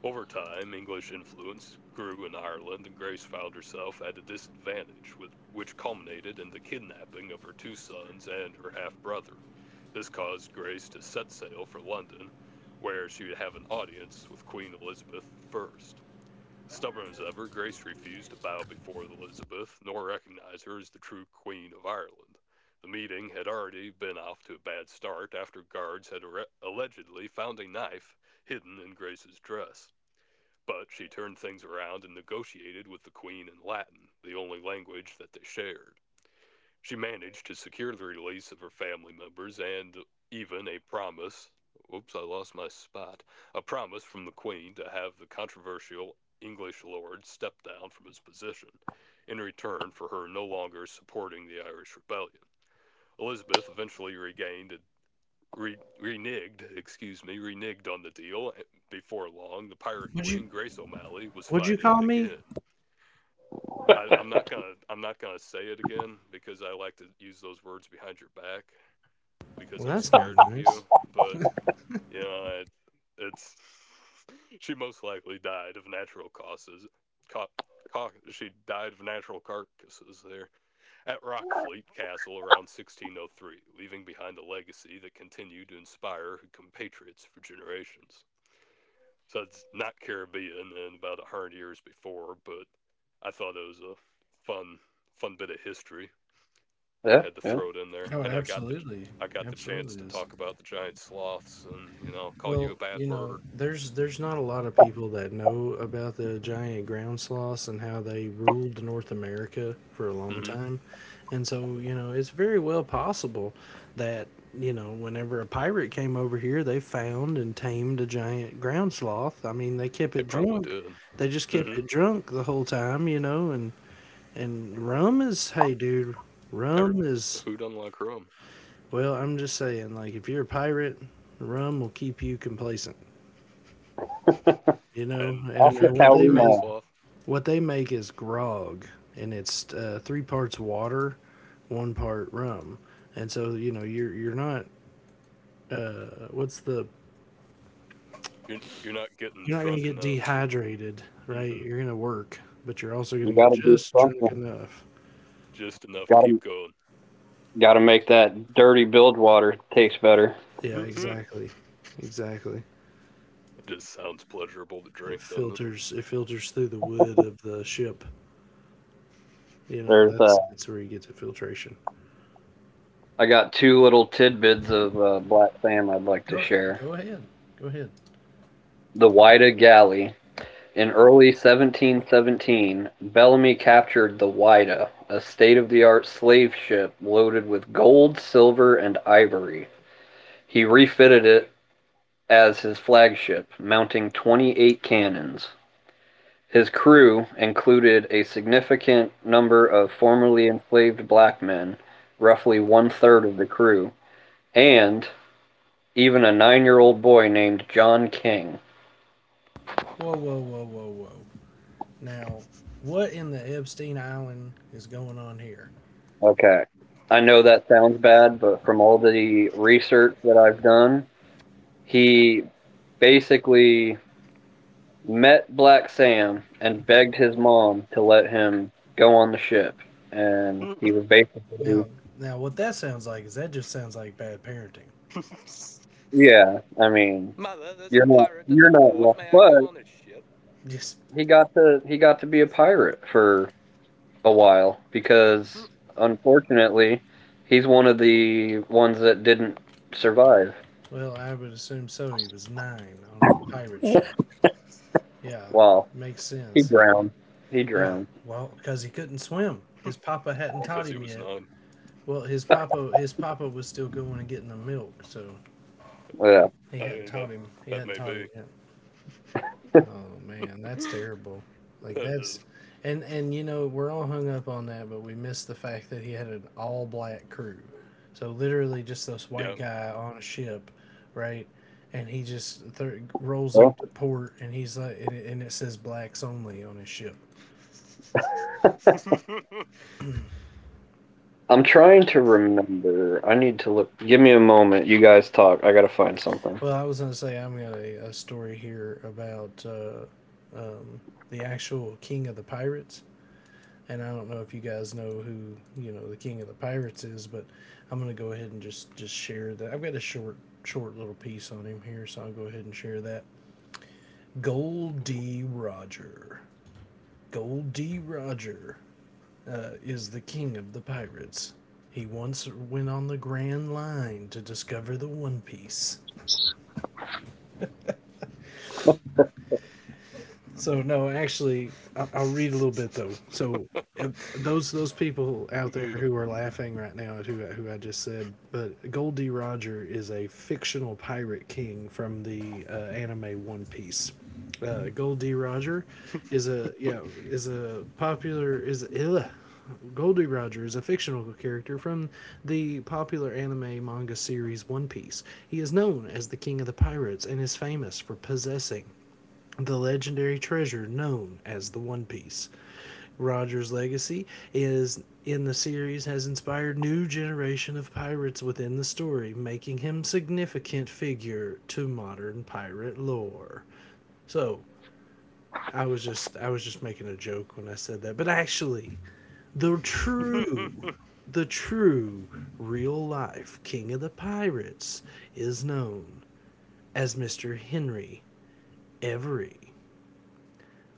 S2: Over time, English influence grew in Ireland and Grace found herself at a disadvantage, which culminated in the kidnapping of her two sons and her half brother. This caused Grace to set sail for London, where she would have an audience with Queen Elizabeth I. Stubborn as ever, Grace refused to bow before Elizabeth, nor recognize her as the true Queen of Ireland. The meeting had already been off to a bad start after guards had allegedly found a knife hidden in Grace's dress. But she turned things around and negotiated with the Queen in Latin, the only language that they shared. She managed to secure the release of her family members and even a promise oops I lost my spot a promise from the Queen to have the controversial English lord step down from his position, in return for her no longer supporting the Irish rebellion. Elizabeth eventually reneged, excuse me, reneged on the deal. Before long, the Pirate
S1: Would you
S2: Queen Grace O'Malley was
S1: Would you
S2: fighting
S1: call me?
S2: again. I'm not gonna say it again because I like to use those words behind your back because
S1: Well,
S2: I'm
S1: that's not
S2: scared of
S1: nice.
S2: you. But you know, it, it's she most likely died of natural causes. Ca- she died of natural carcasses there at Rockfleet Castle around 1603, leaving behind a legacy that continued to inspire her compatriots for generations. So it's not Caribbean and about a hundred years before, but I thought it was a fun, fun bit of history. I
S3: Yeah,
S2: had to
S3: yeah.
S2: throw it in there,
S1: Oh, it
S2: and
S1: absolutely,
S2: I got the chance
S1: absolutely
S2: to
S1: is.
S2: talk about the giant sloths, and you know, call you
S1: Well,
S2: a
S1: you
S2: bad
S1: know,
S2: word.
S1: there's not a lot of people that know about the giant ground sloths and how they ruled North America for a long
S2: Hmm.
S1: time. And so, you know, it's very well possible that, whenever a pirate came over here, they found and tamed a giant ground sloth. I mean, they kept
S2: They
S1: it
S2: probably
S1: drunk.
S2: did.
S1: They just
S2: Hmm.
S1: kept it drunk the whole time, and and rum is, hey dude,
S2: Every,
S1: rum is
S2: who doesn't like rum?
S1: well, I'm just saying, like, if you're a pirate, rum will keep you complacent. you know
S2: And
S3: That's
S1: and,
S2: if you're a
S1: and
S3: just
S1: what
S3: how
S2: giant
S3: we
S1: they
S2: ground
S1: make
S3: know.
S2: sloth,
S1: what they make is grog, and it's 3 parts water, 1 part rum. And so you know you're not what's the
S2: you're not getting
S1: you're not going to
S2: drunk
S1: get
S2: enough that.
S1: dehydrated,
S2: Mm
S1: right?
S2: hmm
S1: You're going to work, but you're also going
S3: You
S1: to
S3: got
S1: get
S3: to do
S1: just drunk
S3: something.
S1: enough.
S2: Just enough to
S3: Got
S2: keep
S3: to
S2: going.
S3: got to make that dirty bilge water taste better.
S1: Yeah,
S2: It
S1: exactly. Exactly.
S2: just sounds pleasurable to
S1: it
S2: drink, doesn't it?
S1: filters it filters through the wood of the ship. You know,
S3: There's
S1: that's where you get to filtration.
S3: I got two little tidbits of black Sam I'd like to
S1: Go
S3: share.
S1: go ahead. Go ahead.
S3: The Wida Galley. In early 1717, Bellamy captured the Wida, a state-of-the-art slave ship loaded with gold, silver, and ivory. He refitted it as his flagship, mounting 28 cannons. His crew included a significant number of formerly enslaved black men, roughly one third of the crew, and even a 9-year-old boy named John King.
S1: Whoa, whoa, whoa, whoa, whoa. Now, what in the Epstein Island is going on here?
S3: Okay. I know that sounds bad, but from all the research that I've done, he basically met Black Sam and begged his mom to let him go on the ship. And he was basically,
S1: Now, now what that sounds like is that just sounds like bad parenting.
S3: yeah, I mean,
S2: Mother, there's a pirate at
S3: you're
S2: the
S3: not wrong,
S2: port. May I go
S3: but
S2: on his ship?
S1: Just,
S3: he got to be a pirate for a while because, unfortunately, he's one of the ones that didn't survive.
S1: well, I would assume so. He was nine on a pirate ship. Yeah,
S3: Wow,
S1: makes
S3: he
S1: sense.
S3: drowned. He
S1: Yeah,
S3: drowned.
S1: well, because he couldn't swim. His papa hadn't taught
S2: Because he
S1: him
S2: was
S1: yet.
S2: nine.
S1: Well, his papa was still going and getting the milk, so
S3: Yeah.
S1: he
S2: I
S1: hadn't
S2: mean,
S1: taught
S2: that,
S1: him. He
S2: that
S1: hadn't
S2: may
S1: taught him
S2: be.
S1: yet. Man, that's terrible. Like,
S2: That
S1: that's,
S2: is.
S1: and you know, we're all hung up on that, but we miss the fact that he had an all black crew. So literally just this
S2: Yeah.
S1: white guy on a ship, right? And he just rolls
S3: Well,
S1: up to port, and he's like, and it says blacks only on his ship.
S3: I'm trying to
S2: Let's
S3: remember. I need to look. Give me a moment. You guys talk. I gotta find something.
S1: Well, I was going to say, I'm got a story here about the actual king of the pirates. And I don't know if you guys know who, you know, the king of the pirates is, but I'm gonna go ahead and just share that. I've got a short little piece on him here, so I'll go ahead and share that.
S2: go
S1: Gold
S2: for it.
S1: D. Roger. Gold D. Roger is the king of the pirates. He once went on the Grand Line to discover the One Piece. So no, actually, I'll read a little bit though. So if those people out there who are laughing right now at who I just said, but Goldie Roger is a fictional pirate king from the anime One Piece. Goldie Roger is a yeah is a popular is ugh. Goldie Roger is a fictional character from the popular anime manga series One Piece. He is known as the King of the Pirates and is famous for possessing the legendary treasure known as the One Piece. Roger's legacy is in the series has inspired new generation of pirates within the story, making him significant figure to modern pirate lore. So, I was just making a joke when I said that, but actually, the true the true real life king of the pirates is known as Mr. Henry Every,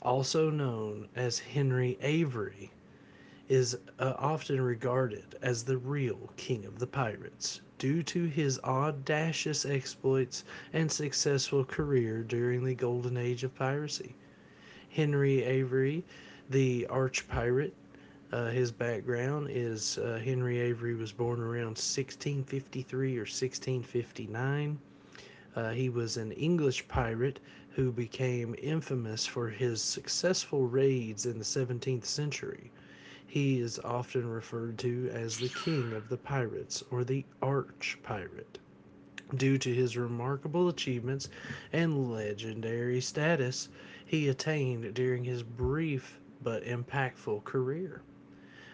S1: also known as Henry Avery, is often regarded as the real king of the pirates due to his audacious exploits and successful career during the golden age of piracy. Henry Avery, the arch pirate, his background is, Henry Avery was born around 1653 or 1659. He was an English pirate who became infamous for his successful raids in the 17th century. He is often referred to as the King of the Pirates or the Arch Pirate, due to his remarkable achievements and legendary status he attained during his brief but impactful career.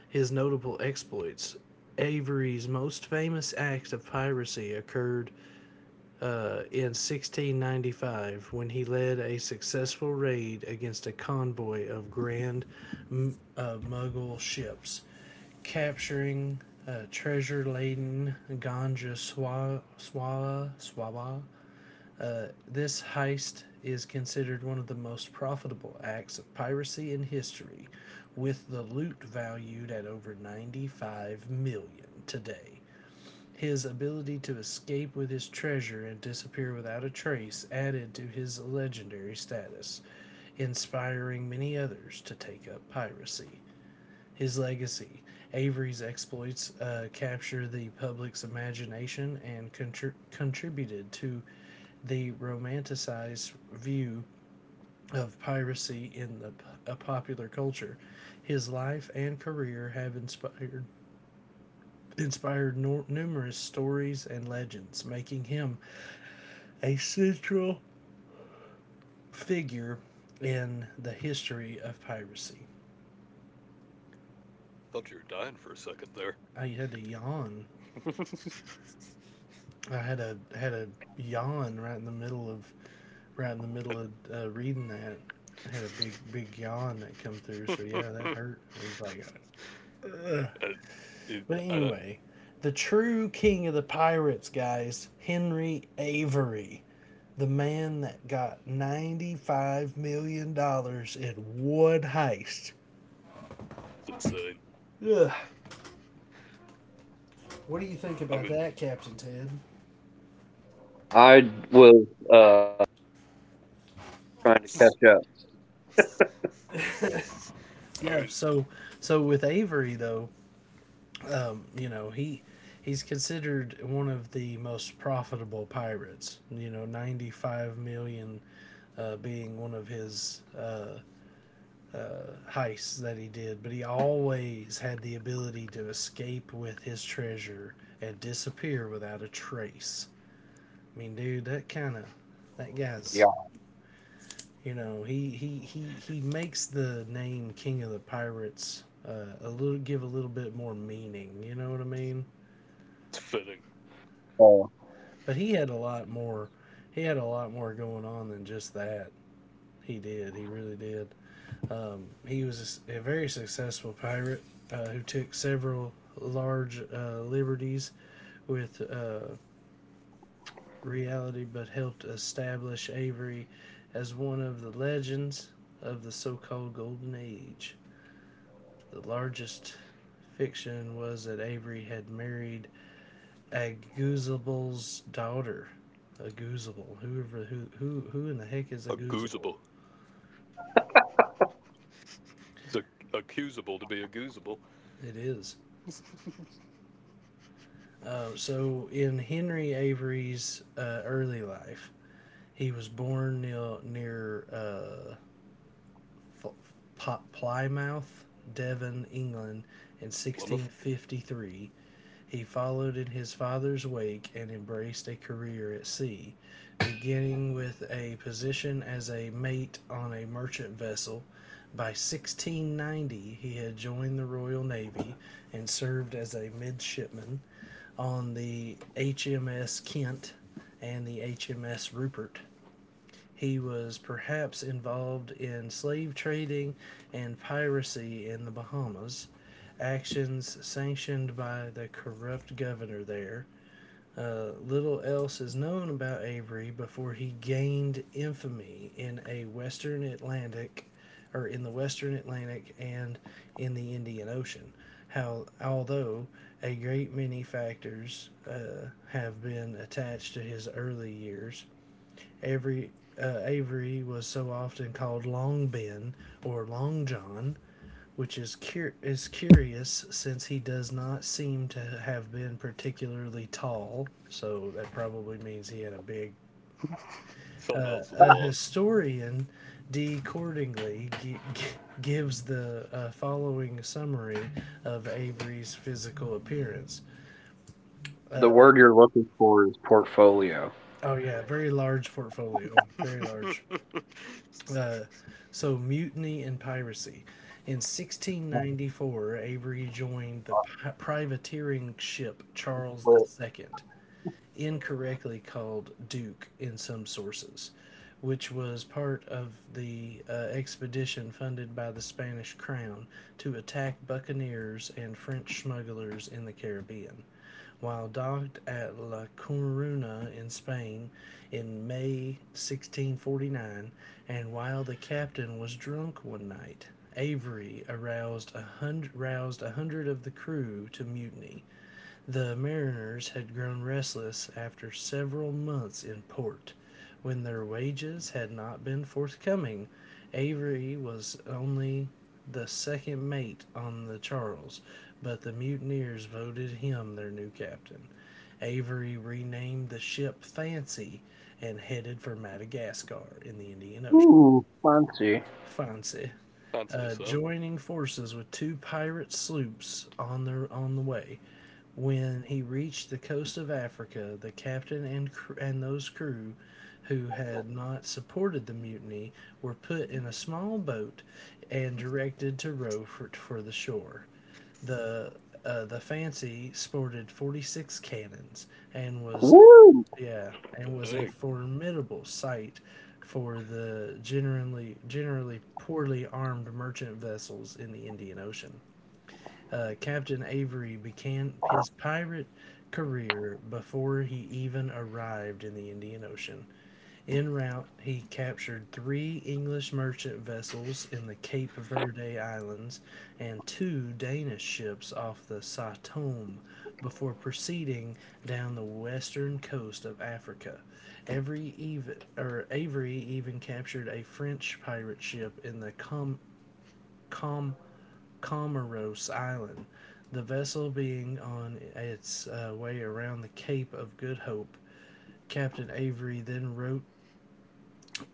S1: His notable exploits: Avery's most famous act of piracy occurred in 1695, when he led a successful raid against a convoy of grand Mughal ships, capturing treasure laden Ganja Swawa. Swawa. This heist is considered one of the most profitable acts of piracy in history, with the loot valued at over 95 million today. His ability to escape with his treasure and disappear without a trace added to his legendary status, inspiring many others to take up piracy. His legacy: Avery's exploits, captured the public's imagination and contributed to the romanticized view of piracy in a popular culture. His life and career have inspired numerous stories and legends, making him a central figure in the history of piracy.
S2: Thought you were dying for a second there.
S1: I had to yawn. I had a yawn right in the middle of, right in the middle
S2: I,
S1: of reading that. I had a big yawn that come through. So yeah, that hurt. It was like,
S2: I, it,
S1: but
S2: I,
S1: anyway, the true king of the pirates, guys, Henry Avery, the man that got $95 million dollars in one heist.
S2: it's insane.
S1: Ugh. What do you think
S2: I
S1: about
S2: mean,
S1: that, Captain Ted?
S3: I was trying to catch up.
S2: I
S1: Yeah,
S2: mean,
S1: so with Avery though, you know, he's considered one of the most profitable pirates. You know, 95 million being one of his heists that he did, but he always had the ability to escape with his treasure and disappear without a trace.
S3: Yeah.
S1: I mean, dude, that kind of, that guy's, you know, he makes the name King of the Pirates a little, give a little bit more meaning. You know what I mean?
S3: Uh,
S2: It's fitting.
S1: But he had a lot more. He had a lot more going on than just that. He did. He really did. He was a very successful pirate who took several large liberties with reality, but helped establish Avery as one of the legends of the so called Golden Age. The largest fiction was that Avery had married Aguzable's daughter. Aguzable. Who in the heck is Aguzable?
S2: Accusable. It's ac Accusable to be accusable.
S1: It is. So, in Henry Avery's early life, he was born near Plymouth, Devon, England, in
S2: Plymouth.
S1: 1653. He followed in his father's wake and embraced a career at sea, beginning with a position as a mate on a merchant vessel. By 1690, he had joined the Royal Navy and served as a midshipman on the HMS Kent and the HMS Rupert. He was perhaps involved in slave trading and piracy in the Bahamas, actions sanctioned by the corrupt governor there. Little else is known about Avery before he gained infamy in a Western Atlantic, or in the Western Atlantic and in the Indian Ocean. How, although a great many factors have been attached to his early years, Every Avery was so often called Long Ben or Long John, which is is curious, since he does not seem to have been particularly tall. So that probably means he had a big.
S2: Something else was
S1: A
S2: long.
S1: historian, D. Cordingley, gives the following summary of Avery's physical appearance.
S3: the word you're looking for is portfolio.
S1: Oh yeah, very large portfolio, very large. Uh, so, mutiny and piracy. In 1694, Avery joined the privateering ship Charles the Second, incorrectly called Duke in some sources, which was part of the expedition funded by the Spanish crown to attack buccaneers and French smugglers in the Caribbean. While docked at La Coruña in Spain in May 1649, and while the captain was drunk one night, Avery roused 100 of the crew to mutiny. The mariners had grown restless after several months in port, when their wages had not been forthcoming. Avery was only the second mate on the Charles, but the mutineers voted him their new captain. Avery renamed the ship Fancy and headed for Madagascar in the Indian Ocean.
S3: Ooh, fancy.
S1: Fancy,
S2: Fancy, so.
S1: joining forces with two pirate sloops on their on the way. When he reached the coast of Africa, the captain and, and those crew who had not supported the mutiny were put in a small boat and directed to row for the shore. The, the Fancy sported 46 cannons and was,
S3: Woo!
S1: yeah, and was a
S2: Dang.
S1: formidable sight for the generally poorly armed merchant vessels in the Indian Ocean. Captain Avery began his pirate career before he even arrived in the Indian Ocean. En route, he captured three English merchant vessels in the Cape Verde Islands and two Danish ships off the Satome before proceeding down the western coast of Africa. Every even, or Avery even captured a French pirate ship in the Com- Comoros Island, the vessel being on its way around the Cape of Good Hope. Captain Avery then wrote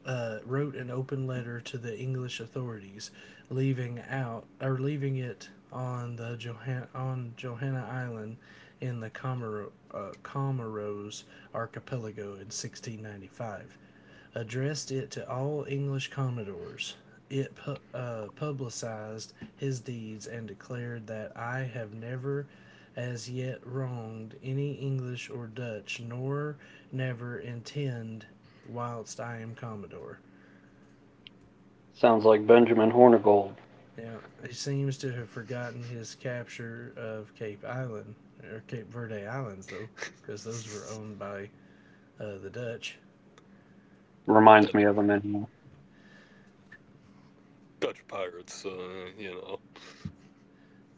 S1: uh, wrote an open letter to the English authorities, leaving out or leaving it on the Johan- on Johanna Island in the Comoros archipelago in 1695. Addressed it to all English commodores. It publicized his deeds and declared that, "I have never as yet wronged any English or Dutch, nor never intend." Wildstein Commodore.
S3: Sounds like Benjamin Hornigold.
S1: Now, he seems to have forgotten his capture of Cape Island, or Cape Verde Islands, though, because those were owned by the Dutch.
S3: Reminds me of
S2: Dut-
S3: him anyway.
S2: Dutch pirates, you know.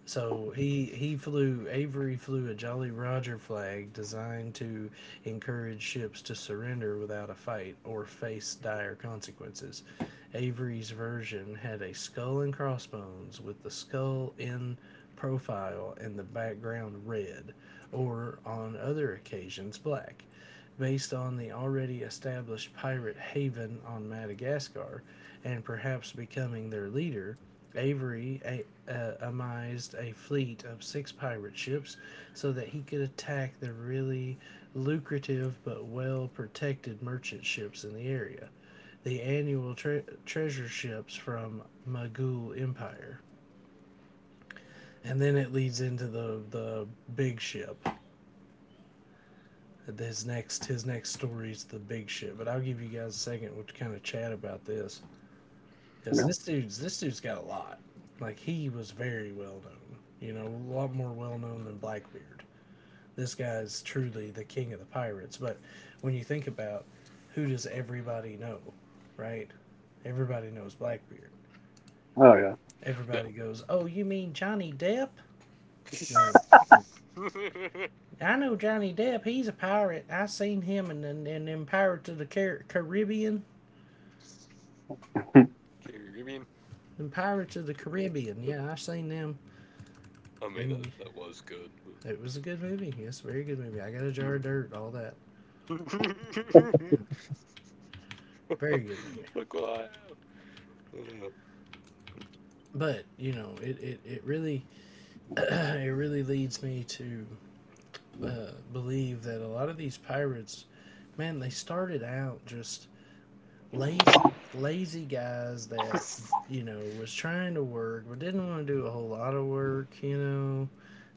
S1: So he flew Avery flew a Jolly Roger flag designed to encourage ships to surrender without a fight or face dire consequences. Avery's version had a skull and crossbones with the skull in profile and the background red, or on other occasions black. Based on the already established pirate haven on Madagascar and perhaps becoming their leader, Avery amassed a fleet of six pirate ships so that he could attack the really lucrative but well protected merchant ships in the area, the annual treasure ships from Magul Empire. And then it leads into the big ship. His next story is the big ship, but I'll give you guys a second to kind of chat about this, because
S3: Yeah.
S1: this dude's got a lot. Like he was very well known, you know, a lot more well known than Blackbeard. This guy's truly the king of the pirates. But when you think about who does everybody know, right? Everybody knows Blackbeard.
S3: Oh yeah.
S2: Yeah.
S1: Everybody goes, "Oh, you mean Johnny Depp?" No, I know Johnny Depp. He's a pirate. I seen him in them Pirates of the Caribbean.
S2: Caribbean.
S1: Them Pirates of the Caribbean.
S2: Uh,
S1: Yeah, I seen them. And
S2: that was good. But.
S1: it was a good movie. Yes, very good movie. I got a jar of
S2: Mm-hmm.
S1: dirt, all that. Very good movie.
S2: Look what I have. Uh,
S1: But it really it really leads me to believe that a lot of these pirates, man, they started out just lazy lazy guys that was trying to work but didn't want to do a whole lot of work, you know,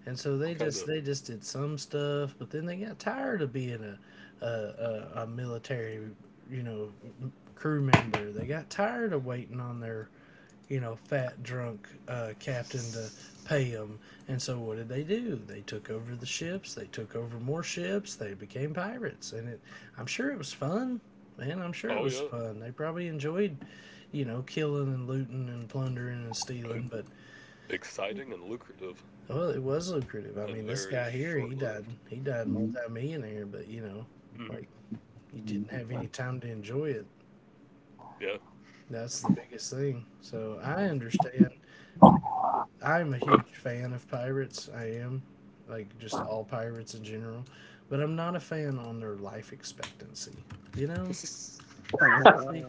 S1: and so they
S2: Kind
S1: just
S2: of.
S1: they just did some stuff, but then they got tired of being a military, you know, crew member. They got tired of waiting on their, you know, fat drunk captain to pay them. And so what did they do? They took over the ships. They took over more ships. They became pirates, and I'm sure it was fun. Man, I'm sure it
S2: Oh
S1: was
S2: yeah,
S1: fun. They probably enjoyed, you know, killing and looting and plundering and stealing. But
S2: exciting and lucrative
S1: well, it was lucrative. I
S2: and
S1: mean, this
S2: very
S1: guy here, he
S2: short
S1: died.
S2: lived.
S1: He died multi millionaire. But you know, like
S2: Hmm.
S1: you didn't have any time to enjoy it.
S2: Yeah.
S1: That's the biggest thing. So I understand, like I'm a huge fan of pirates. I am, like just all pirates in general, but I'm not a fan on their life expectancy. You know, I really,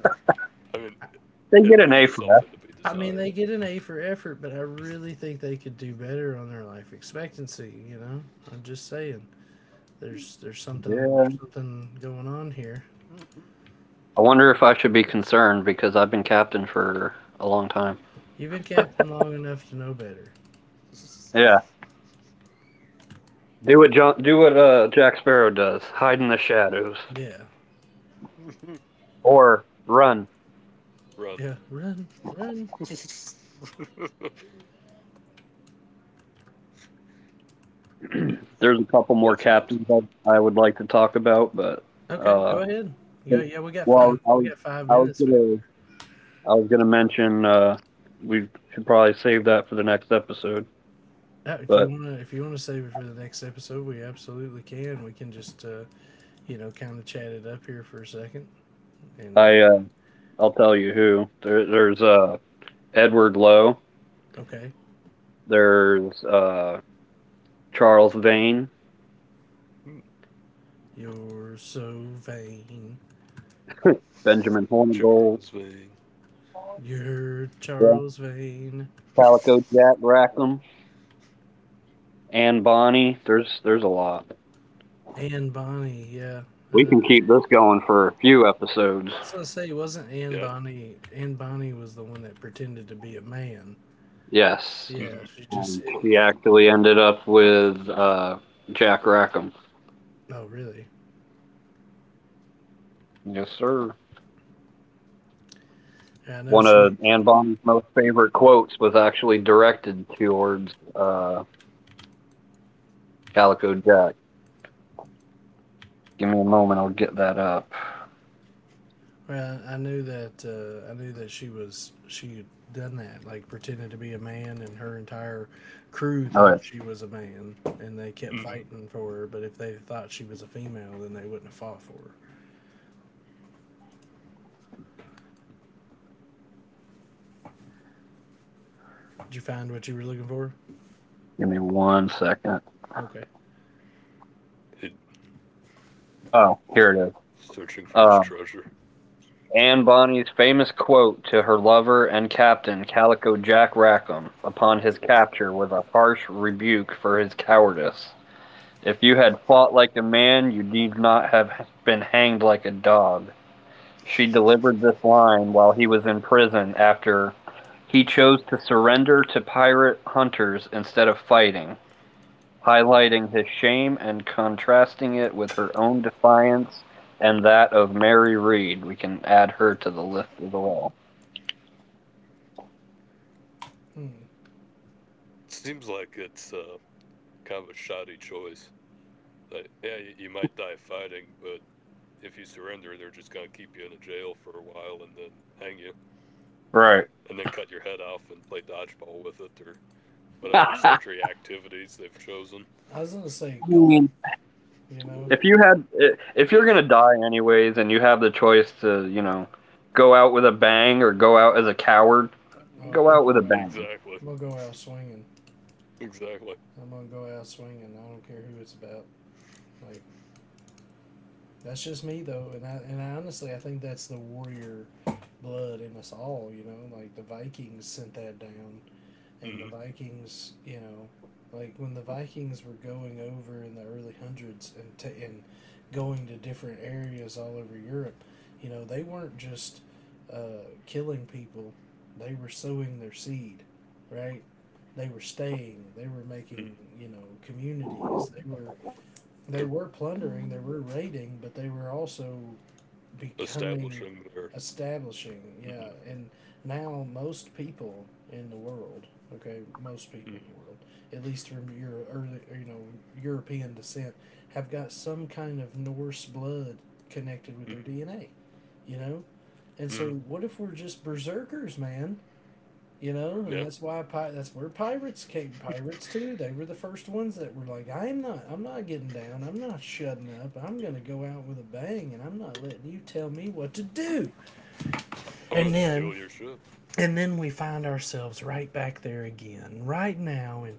S2: I mean,
S1: I,
S3: They
S2: it
S3: get an A
S2: leaves
S3: for that.
S2: something to be
S1: I mean, they
S2: desired.
S1: get an A for effort, but I really think they could do better on their life expectancy. You know, I'm just saying, there's there's something
S3: Yeah.
S1: there's something going on here.
S3: I wonder if I should be concerned because I've been captain for a long time.
S1: You've been captain long enough to know better.
S3: Yeah. Do what Jack Sparrow does. Hide in the shadows
S1: Yeah,
S3: or run.
S2: Run.
S1: yeah, run, run.
S2: That's
S3: There's a couple more
S2: nuts.
S3: captains would like to talk about, but
S1: Okay, go
S3: uh,
S1: ahead. Yeah, yeah,
S3: well,
S1: We got five
S3: I was
S1: minutes, man.
S3: gonna I was gonna mention we should probably save that for the next episode.
S1: Yeah,
S3: But
S1: if you wanna save it for the next episode, we absolutely can. We can just, you know, kind of chat it up here for a second, and then,
S3: I uh, I'll tell you who there's Edward Lowe,
S1: okay,
S3: there's Charles Vane,
S1: you're so vain.
S3: Benjamin Hornigold,
S2: Charles Vane.
S1: You're
S3: yeah,
S1: Charles Vane.
S3: Calico Jack Rackham, Anne Bonny. There's a lot.
S1: Anne Bonny. Yeah. I
S3: We
S1: know.
S3: can keep this going for a few episodes.
S1: I was gonna say, wasn't Anne
S2: Yeah.
S1: Bonny. Anne Bonny was the one that pretended to be a man.
S3: Yes.
S2: Hmm.
S1: Yeah, she just
S3: Um,
S1: in.
S3: he actually ended up with Jack Rackham.
S1: Oh, really?
S3: Yes, sir.
S1: Yeah, I know
S3: One
S1: she.
S3: of
S2: So,
S3: Anne Bonny's most favorite quotes was actually directed towards Calico Jack. Give me a moment, I'll get that up.
S1: Well, I knew that she had done that, like pretended to be a man, and her entire crew
S3: All
S1: thought
S3: right,
S1: she was a man, and they kept
S2: mhm.
S1: fighting for her. But if they thought she was a female, then they wouldn't have fought for her. Did you find what you were looking for?
S3: give me one second.
S1: Okay.
S2: He-
S3: Oh, here it is.
S2: Searching for his
S3: Uh,
S2: treasure.
S3: Anne Bonny's famous quote to her lover and captain, Calico Jack Rackham, upon his capture was a harsh rebuke for his cowardice. If you had fought like a man, you need not have been hanged like a dog. She delivered this line while he was in prison after he chose to surrender to pirate hunters instead of fighting, highlighting his shame and contrasting it with her own defiance and that of Mary Reed. We can add her to the list as well.
S1: Hmm.
S2: Seems like it's kind of a shoddy choice. Like, yeah, you might die fighting, but if you surrender, they're just going to keep you in a jail for a while and then hang you.
S3: Right.
S2: And then cut your head off and play dodgeball with it or whatever
S3: I
S2: sundry activities they've chosen.
S1: I was gonna say golf.
S3: mean,
S1: You know,
S3: If you had, if you're gonna
S2: It's,
S3: die anyways, and you have the choice to go out with a bang or go out as a coward,
S1: oh, I'm
S3: go
S1: gonna
S3: out with
S1: go
S3: a
S1: out.
S3: bang.
S2: exactly,
S1: I'm gonna go out swinging.
S2: exactly.
S1: I'm gonna go out swinging. I don't care who it's about. Like that's just me though, and I honestly I think that's the warrior blood in us all, you know, like the Vikings sent that down, and the
S2: Hmm.
S1: Vikings, you know, like when the Vikings were going over in the early hundreds and going to different areas all over Europe, you know, they weren't just killing people; they were sowing their seed, right? They were staying. They were
S2: Hmm.
S1: making, you know, communities. They were
S2: They're
S1: plundering. They were raiding, but they were also becoming,
S2: establishing their.
S1: establishing, yeah,
S2: Hmm.
S1: and now in the world okay most people in the
S2: Hmm.
S1: world, at least from your early, you know, European descent, have got some kind of Norse blood connected with their
S2: Hmm.
S1: DNA, you know, and so
S2: Hmm.
S1: what if we're just berserkers, man, you know, and
S2: Yeah,
S1: that's why pi- that's where pirates came. Pirates too. They were the first ones that were like, I'm not getting down. I'm not shutting up. I'm gonna go out with a bang, and I'm not letting you tell me what to do."
S2: I'm
S1: And
S2: gonna
S1: then,
S2: steal your ship.
S1: and then we find ourselves right back there again. Right now in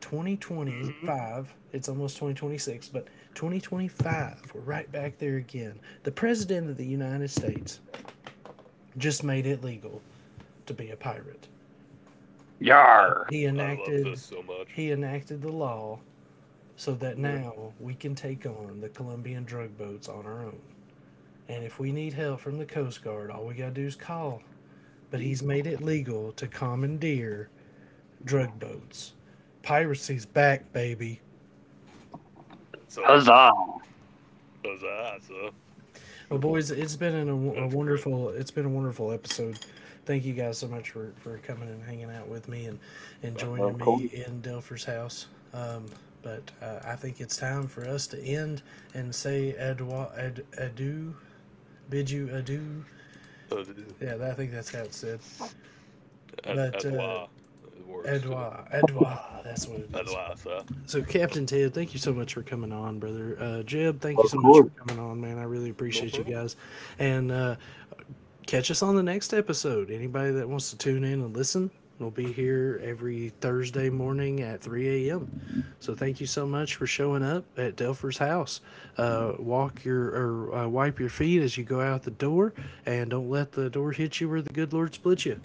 S2: Hmm.
S1: 2025, it's almost 2026, but 2025, we're right back there again. The president of the United States just made it legal to be a pirate.
S2: I,
S3: Yar!
S1: He
S2: I love this
S1: enacted
S2: so much.
S1: he enacted the law so that
S3: Yeah.
S1: now we can take on the Colombian drug boats on our own. And if we need help from the Coast Guard, all we gotta do is call. But he's made it legal to commandeer drug boats. Piracy's back, baby.
S2: That's awesome.
S3: Huzzah!
S2: That's awesome.
S1: Well, boys,
S2: Mm, that's great.
S1: it's been a wonderful episode. Thank you guys so much for coming and hanging out with me, and
S2: Huh?
S1: joining
S3: Of
S1: me
S3: course,
S1: in Delfer's house. Um, but I think it's time for us to end and say adieu, bid you adieu.
S2: That is.
S1: Yeah, I think that's how it's said.
S2: Ad,
S1: But
S2: adwa. It works too.
S1: Edouard, Edouard, that's what it is.
S2: Adwa, sir.
S1: So, Captain Ted, thank you so much for coming on, brother. Jeb, thank you
S3: of
S1: so much
S3: course.
S1: for coming on, man. I really
S2: No
S1: appreciate you
S2: problem.
S1: guys. And catch us on the next episode. Anybody that wants to tune in and listen, we'll be here every Thursday morning at 3 a.m. So thank you so much for showing up at Delpher's house. Walk your or wipe your feet as you go out the door, and don't let the door hit you or the good Lord split you.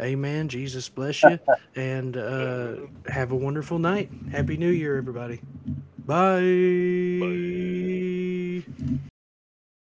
S1: Amen. Jesus bless you, and
S2: Uh,
S1: have a wonderful night. Happy New Year, everybody. Bye.
S2: Bye.